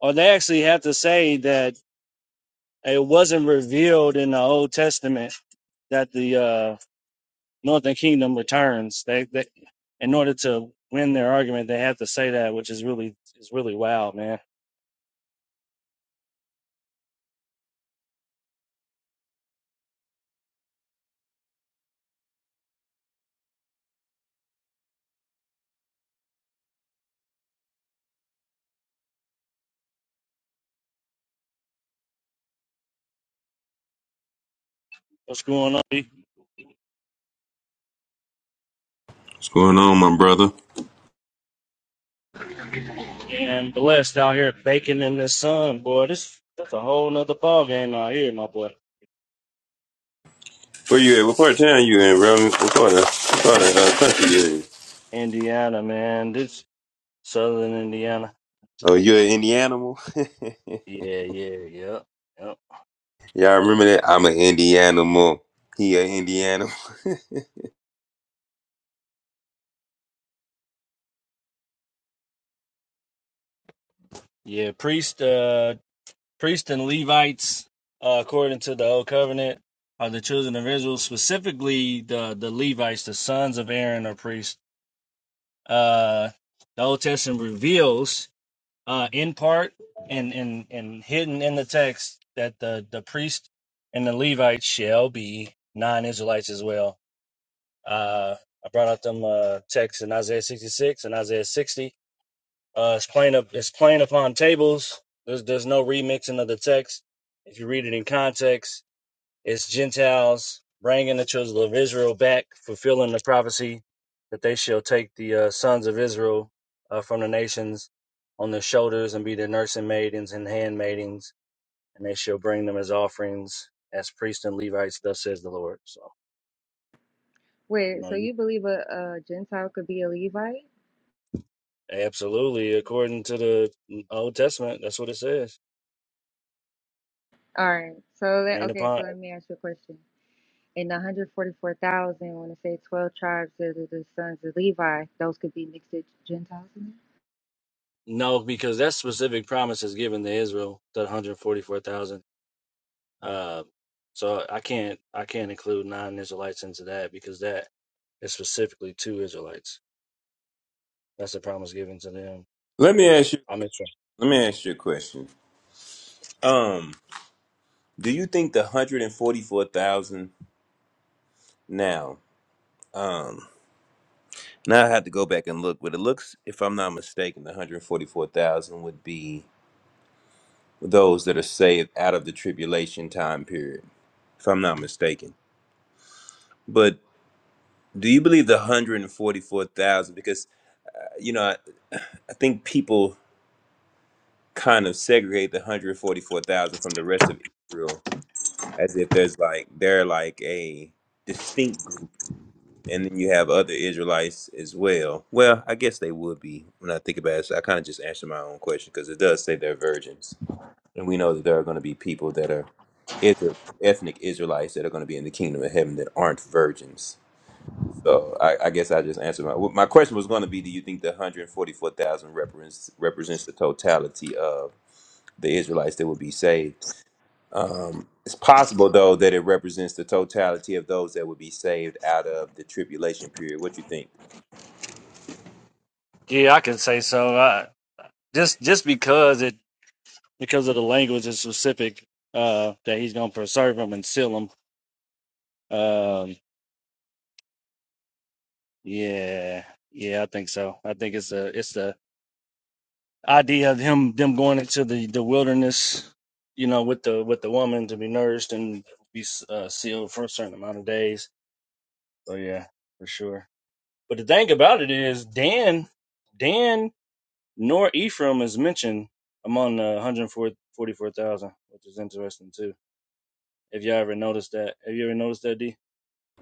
or they actually have to say that it wasn't revealed in the Old Testament that the uh Northern Kingdom returns. They they in order to win their argument they have to say that, which is really is really wild, man. What's going on? What's going on, my brother? And blessed out here baking in the sun, boy. This that's a whole nother ball game out here, my boy. Where you at? What part of town you in, bro? What part of, what part of uh, country you in? Indiana, man. Southern Indiana. Oh, you an Indianimal? [laughs] Yeah, yeah, yep, yep. Y'all remember that? I'm an Indianimal. He an Indianimal. Yeah, priest, uh, priest and Levites, uh, according to the old covenant, are the children of Israel. Specifically, the the Levites, the sons of Aaron, are priests. Uh, the Old Testament reveals, uh, in part and and and hidden in the text that the the priest and the Levites shall be non-Israelites as well. Uh, I brought out them uh texts in Isaiah 66 and Isaiah 60 Uh, it's plain up. It's plain upon tables. There's there's no remixing of the text. If you read it in context, it's Gentiles bringing the children of Israel back, fulfilling the prophecy that they shall take the uh, sons of Israel uh, from the nations on their shoulders and be their nursing maidens and handmaidens, and they shall bring them as offerings as priests and Levites. Thus says the Lord. So you Wait, know, so you you believe a, a Gentile could be a Levite? absolutely according to the mm, Old Testament, that's what it says. All right. So let, Plain okay, so upon let me ask you a question. In the 144,000, when it say 12 tribes that are the sons of Levi, those could be mixed with Gentiles in No, because that specific promise is given to Israel, the 144,000. Uh, so I can't I can't include non-Israelites into that because that is specifically to Israelites. That's the promise given to them. Let me ask you. I'm sure. Let me ask you a question. Um, do you think the hundred and forty-four thousand now? Um, now I have to go back and look, but it looks, if I'm not mistaken, the hundred forty-four thousand would be those that are saved out of the tribulation time period, if I'm not mistaken. Do you believe the 144,000? Because, uh, you know, I, [sighs] I think people kind of segregate the 144,000 from the rest of Israel as if there's like, they're like a distinct group. And then you have other Israelites as well. Well, I guess they would be when I think about it. So I kind of just answered my own question because it does say they're virgins. And we know that there are going to be people that are Israel, ethnic Israelites that are going to be in the kingdom of heaven that aren't virgins. So I, I guess I just answered my my question was going to be: Do you think the hundred forty four thousand represents represents the totality of the Israelites that would be saved? Um, it's possible though that it represents the totality of those that would be saved out of the tribulation period. What you think? Yeah, I can say so. Uh, just just because it because of the language is specific uh, that he's gonna preserve them and seal them. Um, yeah, yeah, I think so. I think it's a it's a idea of him them going into the the wilderness, you know, with the with the woman to be nourished and be uh, sealed for a certain amount of days. So yeah, for sure. But the thing about it is, Dan, Dan nor Ephraim is mentioned among the 144,000, which is interesting too. If y'all ever noticed that, have you ever noticed that, D?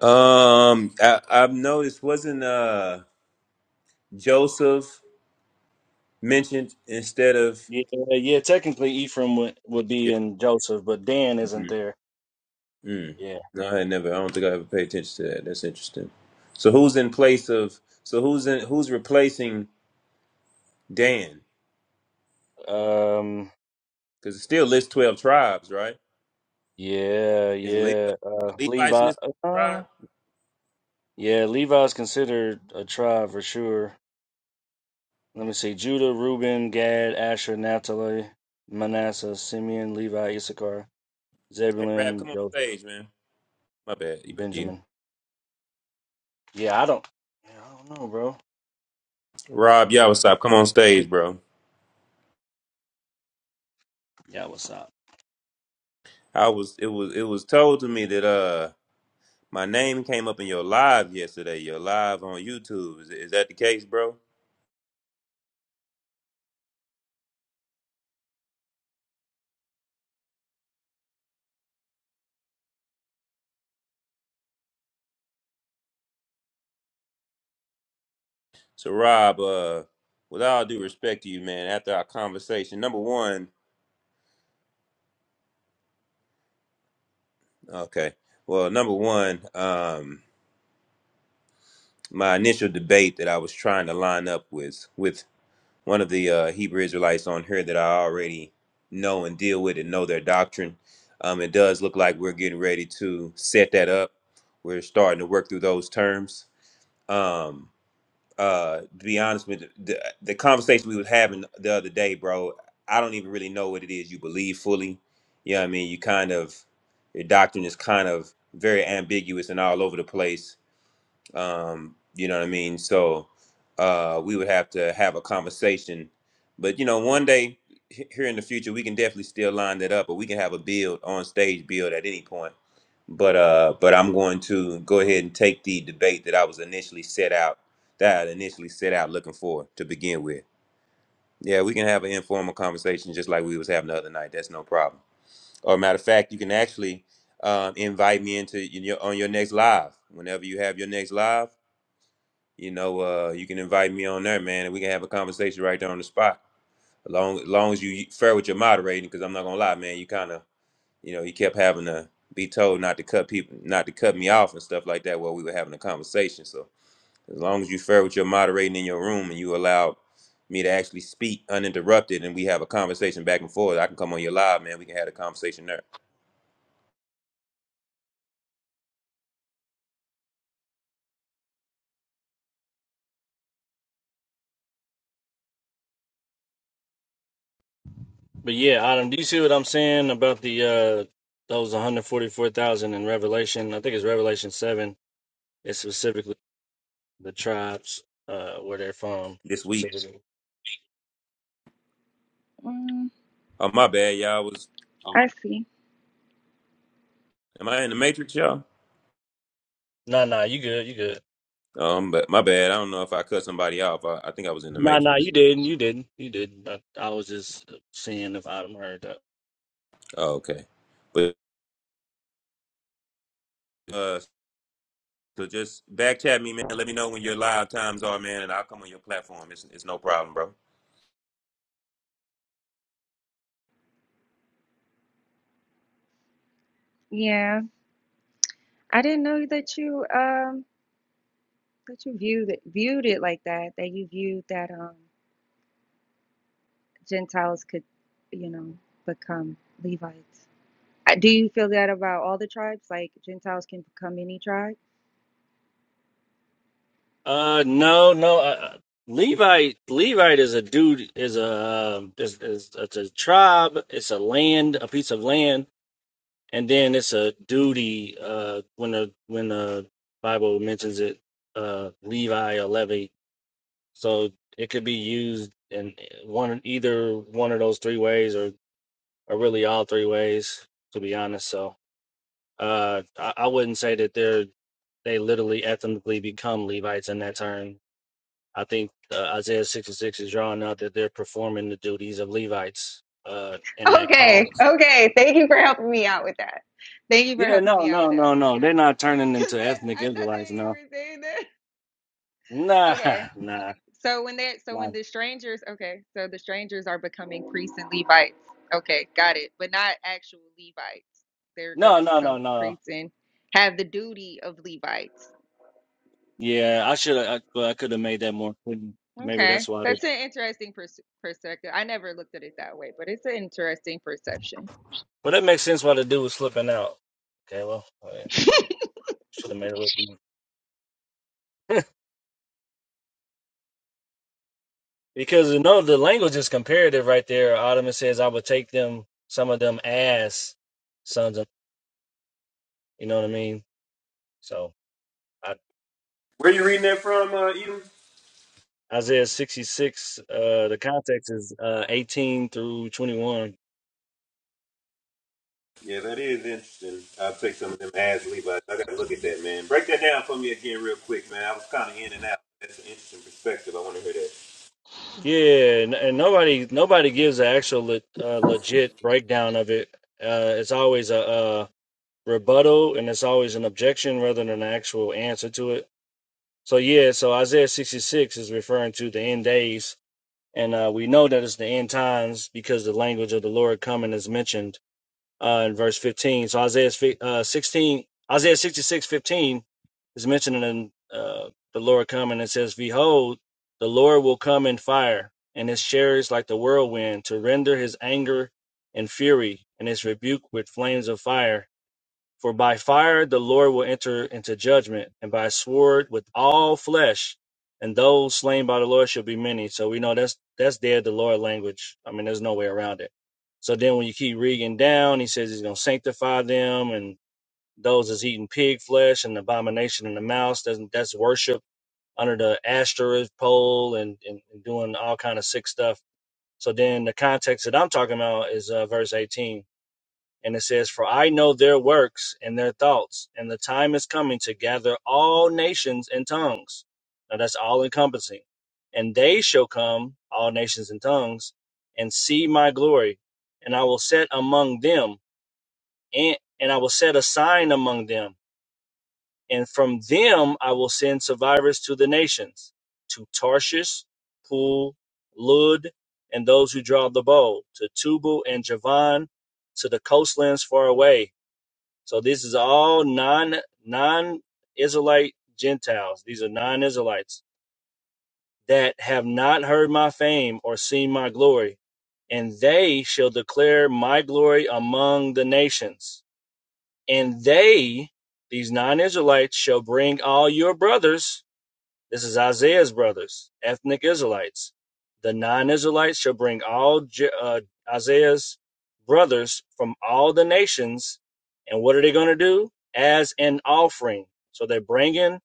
Um, I, I've noticed wasn't uh Joseph mentioned instead of Yeah, yeah. Technically, Ephraim would, would be yeah. in Joseph, but Dan isn't mhm. there. Mm. Yeah. No, I had never. I don't think I ever paid attention to that. That's interesting. So who's in place of? So who's in? Who's replacing? Dan, Um. because it still lists twelve tribes, right? Yeah, Is Le- yeah. Uh, Levites listed Levi. as a Uh, tribe? yeah, Levi's considered a tribe for sure. Let me see: Judah, Reuben, Gad, Asher, Naphtali, Manasseh, Simeon, Levi, Issachar, Hey, Rab, Zebulun, come on Joseph, stage, man. My bad, Eba- Eden. Benjamin. Yeah, I don't. Yeah, I don't know, bro. Rob, y'all was stop. Come on stage, Good. bro. Yeah, what's up? I was. It was. It was told to me that uh, my name came up in your live yesterday. Your live on YouTube. Is, is that the case, bro? So, Rob, uh, with all due respect to you, man, after our conversation, number one, okay. Well, number one, um, my initial debate that I was trying to line up with with one of the uh, Hebrew Israelites on here that I already know and deal with and know their doctrine. Um, it does look like we're getting ready to set that up. We're starting to work through those terms. Um, uh, to be honest with you, the, the conversation we was having the other day, bro, I don't even really know what it is you believe fully. You know what I mean? You kind of, your doctrine is kind of very ambiguous and all over the place um, you know what I mean? So uh, we would have to have a conversation. But you know, one day he- here in the future, we can definitely still line that up, or we can have a build on stage build at any point. But uh, but I'm going to go ahead and take the debate that I was initially set out that I initially set out looking for to begin with. Yeah, we can have an informal conversation just like we was having the other night. That's no problem. Or matter of fact, you can actually um, invite me into your, on your next live whenever you have your next live you know, uh, you can invite me on there, man, and we can have a conversation right there on the spot. As long as long as you fair with your moderating, because I'm not gonna lie, man, you kind of, you know, you kept having to be told not to cut people, not to cut me off and stuff like that while we were having a conversation. So as long as you fair with your moderating in your room and you allowed me to actually speak uninterrupted and we have a conversation back and forth, I can come on your live, man. We can have a conversation there But yeah, Adam, do you see what I'm saying about the uh those 144,000 in Revelation? I think it's Revelation seven. It's specifically the tribes uh where they're from. this week. there? Mm, Oh my bad, y'all was. I see. Am I in the matrix, y'all? Nah, nah, you good, you good. Um, but my bad. I don't know if I cut somebody off. I, I think I was in the Nah, nah, you matrix. didn't, you didn't, you didn't. I, I was just seeing if Adam heard that. Oh, okay. But uh, so just back chat me, man. Let me know when your live times are, man, and I'll come on your platform. It's it's no problem, bro. Yeah, I didn't know that you um that you viewed it, viewed it like that. That you viewed that um Gentiles could, you know, become Levites. I- Do you feel that about all the tribes? Like Gentiles can become any tribe? Uh, no, no. Uh, Levite, Levite is a dude, is a um, is, is it's a tribe, it's a land, a piece of land, and then it's a duty. Uh, when the when the Bible mentions it, uh, Levi or Levy, so it could be used in one either one of those three ways, or or really all three ways, to be honest. So. Uh, I, I wouldn't say that they're they literally ethnically become Levites in that term. I think uh, Isaiah 66 is drawing out that they're performing the duties of Levites uh, in that Okay, calling. okay. Thank you for helping me out with that. Thank you for Yeah, helping no, me out with no, no, that. no. They're not turning Cause into ethnic I, I thought Israelites, that you no. were saying that. Nah, Okay. [laughs] nah, So when they so nah. when the strangers okay, so the strangers are becoming priests and Levites. Okay, got it. But not actual Levites. They're No, gonna no, no, become no. priests and have the duty of Levites. Yeah, I should have, I, well, I could have made that more clear. Maybe Okay. that's why they, That's an interesting pers- perspective. I never looked at it that way, but it's an interesting perception. but that makes sense why the dude was slipping out. Okay, well, [laughs] should have made it. look Because you know the language is comparative right there. Ottoman says, "I would take them, some of them, as sons of." You know what I mean? So I, Where you reading that from, uh, Edom? Isaiah sixty six. Uh, the context is uh, eighteen through twenty one. Yeah, that is interesting. I'll take some of them ads, Levi's. I gotta look at that, man. Break that down for me again, real quick, man. I was kind of in and out. That's an interesting perspective. I want to hear that. Yeah, and, and nobody nobody gives an actual le- uh, legit breakdown of it. Uh, it's always a, uh rebuttal, and it's always an objection rather than an actual answer to it. So yeah, so Isaiah sixty six is referring to the end days And uh, we know that it's the end times because the language of the Lord coming is mentioned uh, in verse 15. So Isaiah uh, 16, Isaiah 66:15 is mentioned in uh, the Lord coming. It says, Behold, the Lord will come in fire and his chariots like the whirlwind to render his anger and fury and his rebuke with flames of fire for by fire the Lord will enter into judgment, and by sword with all flesh, and those slain by the Lord shall be many. So we know that's that's dead the Lord language. I mean, there's no way around it. So then when you keep reading down, he says he's gonna sanctify them and those that's eating pig flesh and abomination and the mouse, that's, that's worship under the asterisk pole and, and, and doing all kind of sick stuff. So then the context that I'm talking about is uh, verse 18 and it says, For I know their works and their thoughts, and the time is coming to gather all nations and tongues. Now that's all encompassing. And they shall come, all nations and tongues, and see my glory. And I will set among them, and, and I will set a sign among them. And from them I will send survivors to the nations, to Tarshish, Pool, Lud, and those who draw the bow, to Tubal and Javan, to the coastlands far away so this is all non non Israelite Gentiles. These are non Israelites that have not heard my fame or seen my glory, and they shall declare my glory among the nations. And they, these non Israelites, shall bring all your brothers this is Isaiah's brothers, ethnic Israelites. The non Israelites shall bring all J- uh, Isaiah's brothers from all the nations. And what are they going to do? As an offering. So they're bringing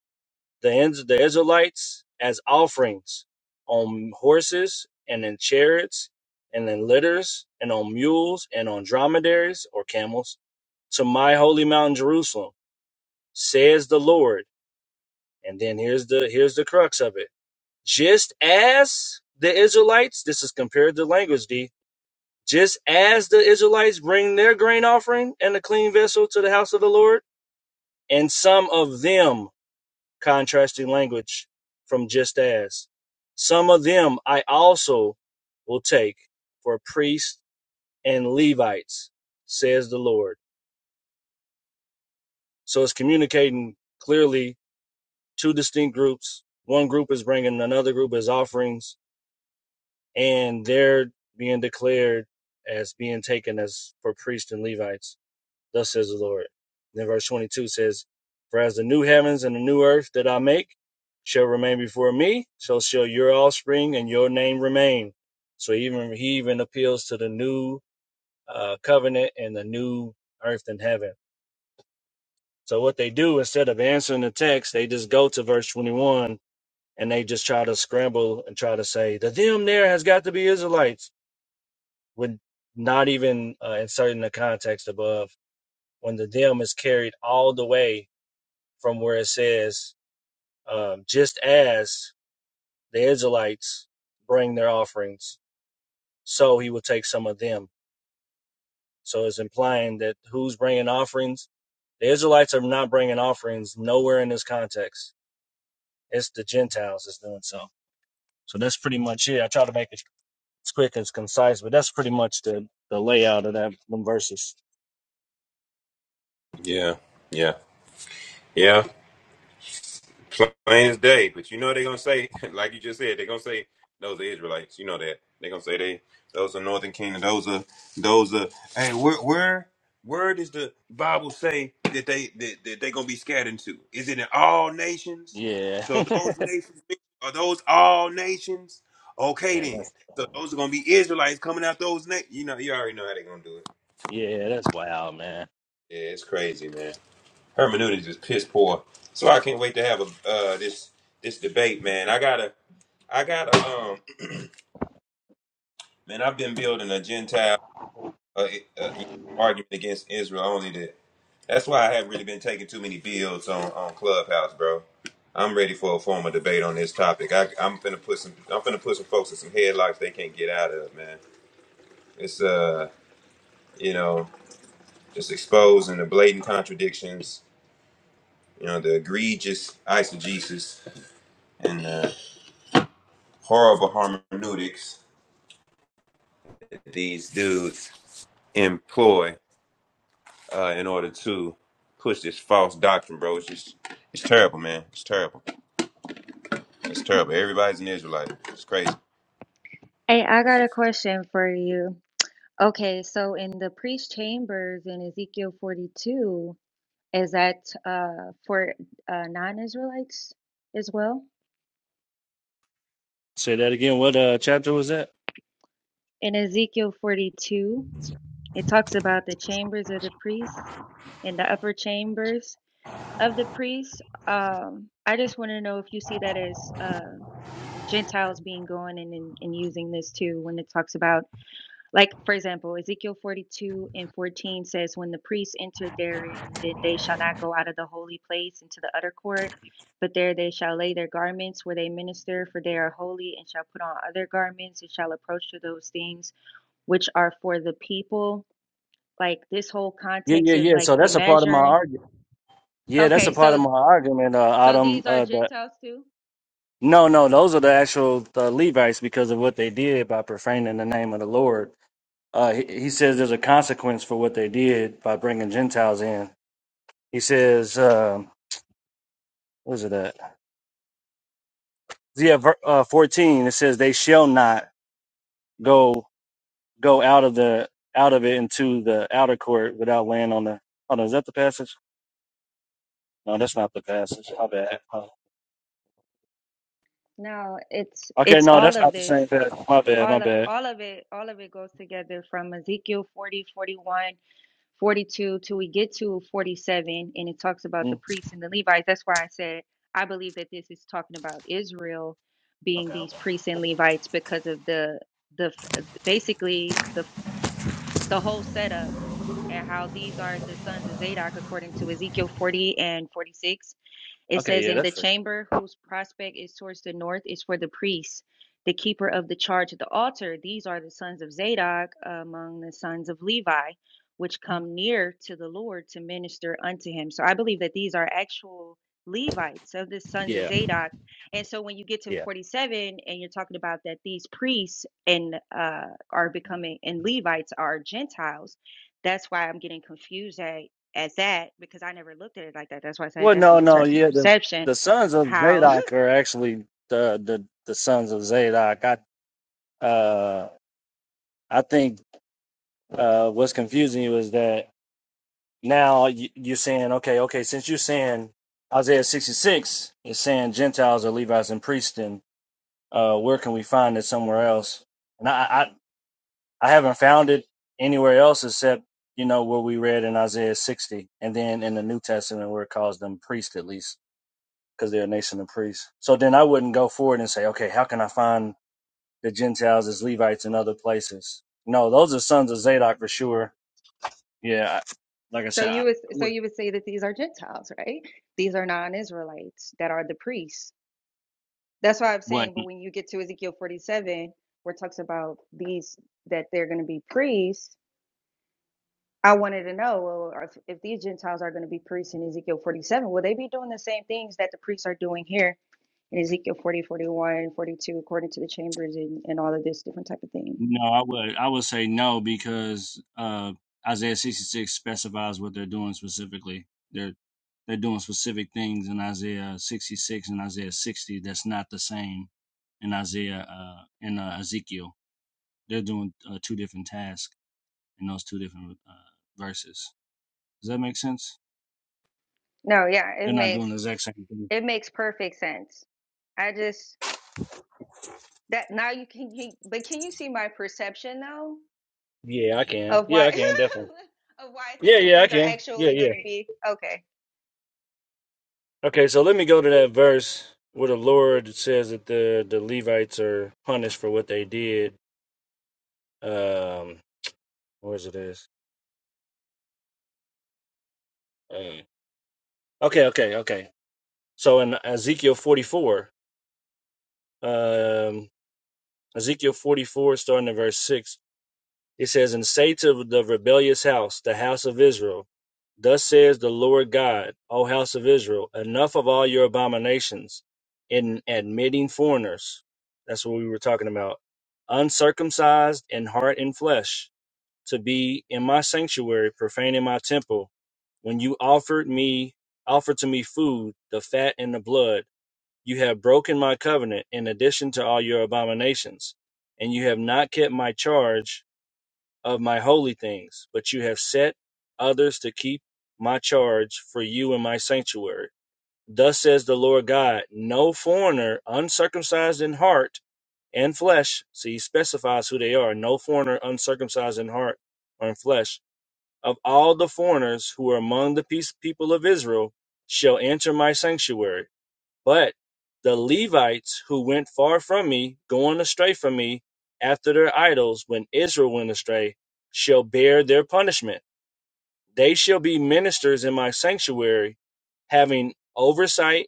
the, the Israelites as offerings on horses and in chariots and in litters and on mules and on dromedaries or camels to my holy mountain Jerusalem, says the Lord. And then here's the here's the crux of it just as the Israelites, this is compared to language, D. Just as the Israelites bring their grain offering and a clean vessel to the house of the Lord, and some of them, contrasting language from just as, some of them I also will take for priests and Levites, says the Lord. So it's communicating clearly two distinct groups. One group is bringing, another group is offerings and they're being declared as being taken as for priests and Levites. Thus says the Lord. Then verse 22 says, For as the new heavens and the new earth that I make shall remain before me, so shall your offspring and your name remain. So even he even appeals to the new uh, covenant and the new earth and heaven. So what they do instead of answering the text, they just go to verse 21 and they just try to scramble and try to say the them there has got to be Israelites Would not even uh, insert in the context above, when the them is carried all the way from where it says, um, just as the Israelites bring their offerings, so he will take some of them. So it's implying that who's bringing offerings? The Israelites are not bringing offerings nowhere in this context. It's the Gentiles that's doing so. So that's pretty much it. I try to make it as quick and as concise, but that's pretty much the, the layout of that them verses. Yeah, yeah, yeah. Plain as day. But you know they're gonna say, [laughs] like you just said, they're gonna say those are Israelites. You know that. They're gonna say they those are Northern Kingdom, those are those are hey, where where where does the Bible say that they that, that they gonna be scattered into? Is it in all nations? Yeah. [laughs] So yeah. those nations are those all nations? Okay then. that's the So whole those are gonna be Israelites coming out those na- you know, you already know how they're gonna do it. Yeah, that's wild, man. Yeah, it's crazy, man hermeneutics is piss poor. So I can't wait to have a uh, this this debate, man. I gotta, I gotta, um, man. I've been building a Gentile uh, uh, argument against Israel only. That that's why I haven't really been taking too many builds on on Clubhouse, bro. I'm ready for a formal debate on this topic. I, I'm finna put some, I'm finna put some folks in some headlocks they can't get out of, man. It's uh, you know, just exposing the blatant contradictions, you know, the egregious eisegesis, and uh, horrible hermeneutics that these dudes employ uh, in order to push this false doctrine, bro. It's just, it's terrible, man. It's terrible. It's terrible. Everybody's an Israelite. It's crazy. Hey, I got a question for you. Okay, so in the priest chambers in Ezekiel 42, is that uh, for uh, non-Israelites as well? Say that again. What uh chapter was that? In Ezekiel 42, it talks about the chambers of the priests and the upper chambers of the priests. Um, I just want to know if you see that as uh, Gentiles being going in and, and using this too when it talks about Like, for example, Ezekiel 42 and 14 says, When the priests enter therein, then they shall not go out of the holy place into the utter court, but there they shall lay their garments where they minister, for they are holy, and shall put on other garments, and shall approach to those things which are for the people. Like, this whole Yeah, context yeah, is yeah. like So the that's a part of my measuring. argument. Yeah, that's Okay, a part of so my argument, uh, so Autumn. these are Uh, but Gentiles too? no, no, those are the actual uh, Levites because of what they did by profaning the name of the Lord. Uh, he, he says there's a consequence for what they did by bringing Gentiles in. He says, um, what is it at? Yeah, ver- uh, 14. It says they shall not go go out of the out of it into the outer court without laying on the. Hold on, is that the passage? No, that's not the passage. My bad. Uh, No, it's okay, it's no, all that's of not the same this. passage. My bad. My All of, bad. all of it all of it goes together from Ezekiel 40 41. 42 till we get to 47 and it talks about the Mm. priests and the levites that's why i said i believe that this is talking about israel being Okay. Okay, these priests and levites because of the the f- basically the f- the whole setup and how these are the sons of zadok according to ezekiel 40 and 46 it Okay, says, yeah, In the that's right. chamber whose prospect is towards the north is for the priests, the keeper of the charge of the altar. These are the sons of Zadok among the sons of Levi, which come near to the Lord to minister unto him. So I believe that these are actual Levites of the sons of Yeah. Zadok. And so when you get to Yeah. 47 and you're talking about that these priests and uh, are becoming and Levites are Gentiles, that's why I'm getting confused at at that because I never looked at it like that. That's why I said Well, that's no, an no, interesting yeah. The perception. the sons of How Zadok are actually the the, the sons of Zadok. I uh I think uh what's confusing you is that now you, you're saying okay, okay, since you're saying Isaiah 66 is saying Gentiles are Levites and priests, and uh, where can we find it somewhere else? And I. I haven't found it anywhere else except you know what we read in Isaiah 60, and then in the New Testament where it calls them priests at least because they're a nation of priests. So then I wouldn't go forward and say, okay, how can I find the Gentiles as Levites in other places? No, those are sons of Zadok for sure. Yeah, I- like I [laughs] So said, I, you I would so would. you would say that these are Gentiles, right? These are non-Israelites that are the priests. That's why I'm What? saying, but when you get to Ezekiel 47, where it talks about these that they're going to be priests, I wanted to know, well, if, if these Gentiles are going to be priests in Ezekiel 47, will they be doing the same things that the priests are doing here in Ezekiel 40, 41, 42, according to the chambers and, and all of this different type of thing? No, I would I would say no because uh, Isaiah 66 specifies what they're doing specifically. They're they're doing specific things in Isaiah 66 and Isaiah 60 that's not the same in Isaiah uh, in uh, Ezekiel. They're doing uh, two different tasks in those two different uh, verses. Does that make sense? No, yeah, it They're not makes doing the exact same thing. it makes perfect sense. I just that now you can you, but can you see my perception though Yeah, I can. of why Yeah, I can, definitely. [laughs] of why I think Yeah, that yeah, I these are can. Yeah, actually yeah. going to be okay. Okay, so let me go to that verse where the Lord says that the the Levites are punished for what they did. Um, where is it is? Uh, okay, okay, okay. So in Ezekiel 44, um, Ezekiel 44, starting at verse 6, It says, And say to the rebellious house, the house of Israel, Thus says the Lord God, O house of Israel, enough of all your abominations in admitting foreigners. That's what we were talking about. Uncircumcised in heart and flesh, to be in my sanctuary, profaning my temple. When you offered me, offered to me food, the fat and the blood, you have broken my covenant in addition to all your abominations, and you have not kept my charge of my holy things, but you have set others to keep my charge for you in my sanctuary. Thus says the Lord God No foreigner, uncircumcised in heart and flesh, see, he specifies who they are no foreigner, uncircumcised in heart or in flesh, of all the foreigners who are among the peace people of Israel, shall enter my sanctuary. But the Levites who went far from me, going astray from me, after their idols, when Israel went astray, shall bear their punishment. They shall be ministers in my sanctuary, having oversight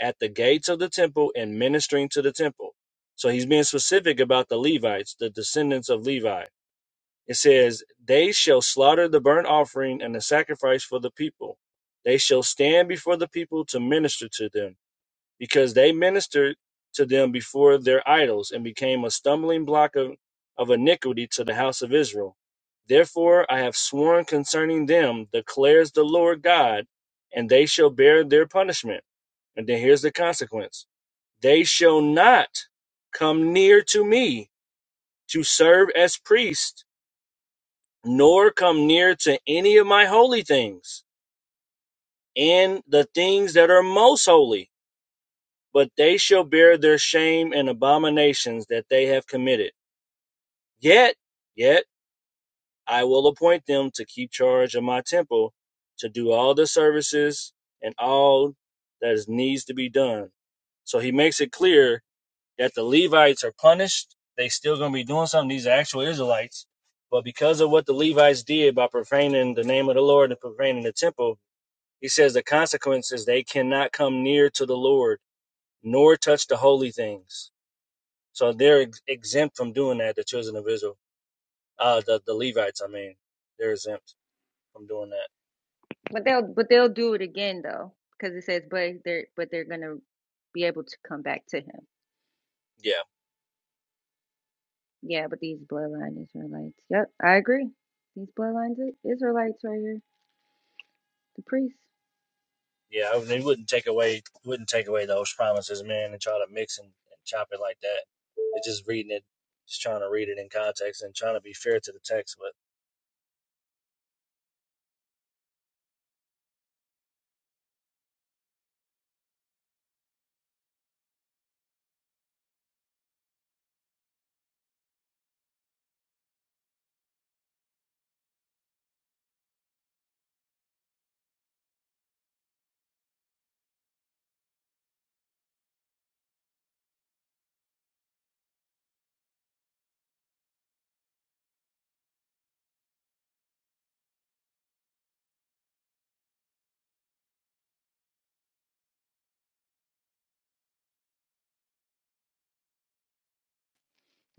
at the gates of the temple and ministering to the temple. So he's being specific about the Levites, the descendants of Levi. It says, They shall slaughter the burnt offering and the sacrifice for the people. They shall stand before the people to minister to them because they ministered to them before their idols and became a stumbling block of, of iniquity to the house of Israel. Therefore I have sworn concerning them, declares the Lord God, and they shall bear their punishment. And then here's the consequence they shall not come near to me to serve as priest, nor come near to any of my holy things and the things that are most holy but they shall bear their shame and abominations that they have committed. Yet, yet I will appoint them to keep charge of my temple, to do all the services and all that is needs to be done. So he makes it clear that the Levites are punished. They still gonna be doing something. These are actual Israelites. But because of what the Levites did by profaning the name of the Lord and profaning the temple, he says the consequence is they cannot come near to the Lord, nor touch the holy things So they're ex- exempt from doing that. The children of Israel, uh, the the Levites, I mean, they're exempt from doing that. But they'll but they'll do it again though because it says but they're but they're going to be able to come back to him. Yeah, Yeah, but these bloodline Israelites. Yep, I agree. These bloodlines Israelites right here. The priest. yeah. They wouldn't take away wouldn't take away those promises, man, and try to mix and, and chop it like that. It's just reading it, just trying to read it in context and trying to be fair to the text.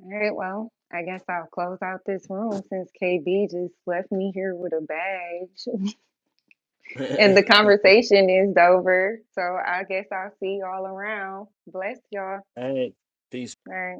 All right, well, I guess I'll close out this room since KB just left me here with a badge. [laughs] and But the [laughs] all conversation is over. So I guess I'll see y'all around. Bless y'all. right, peace. All right.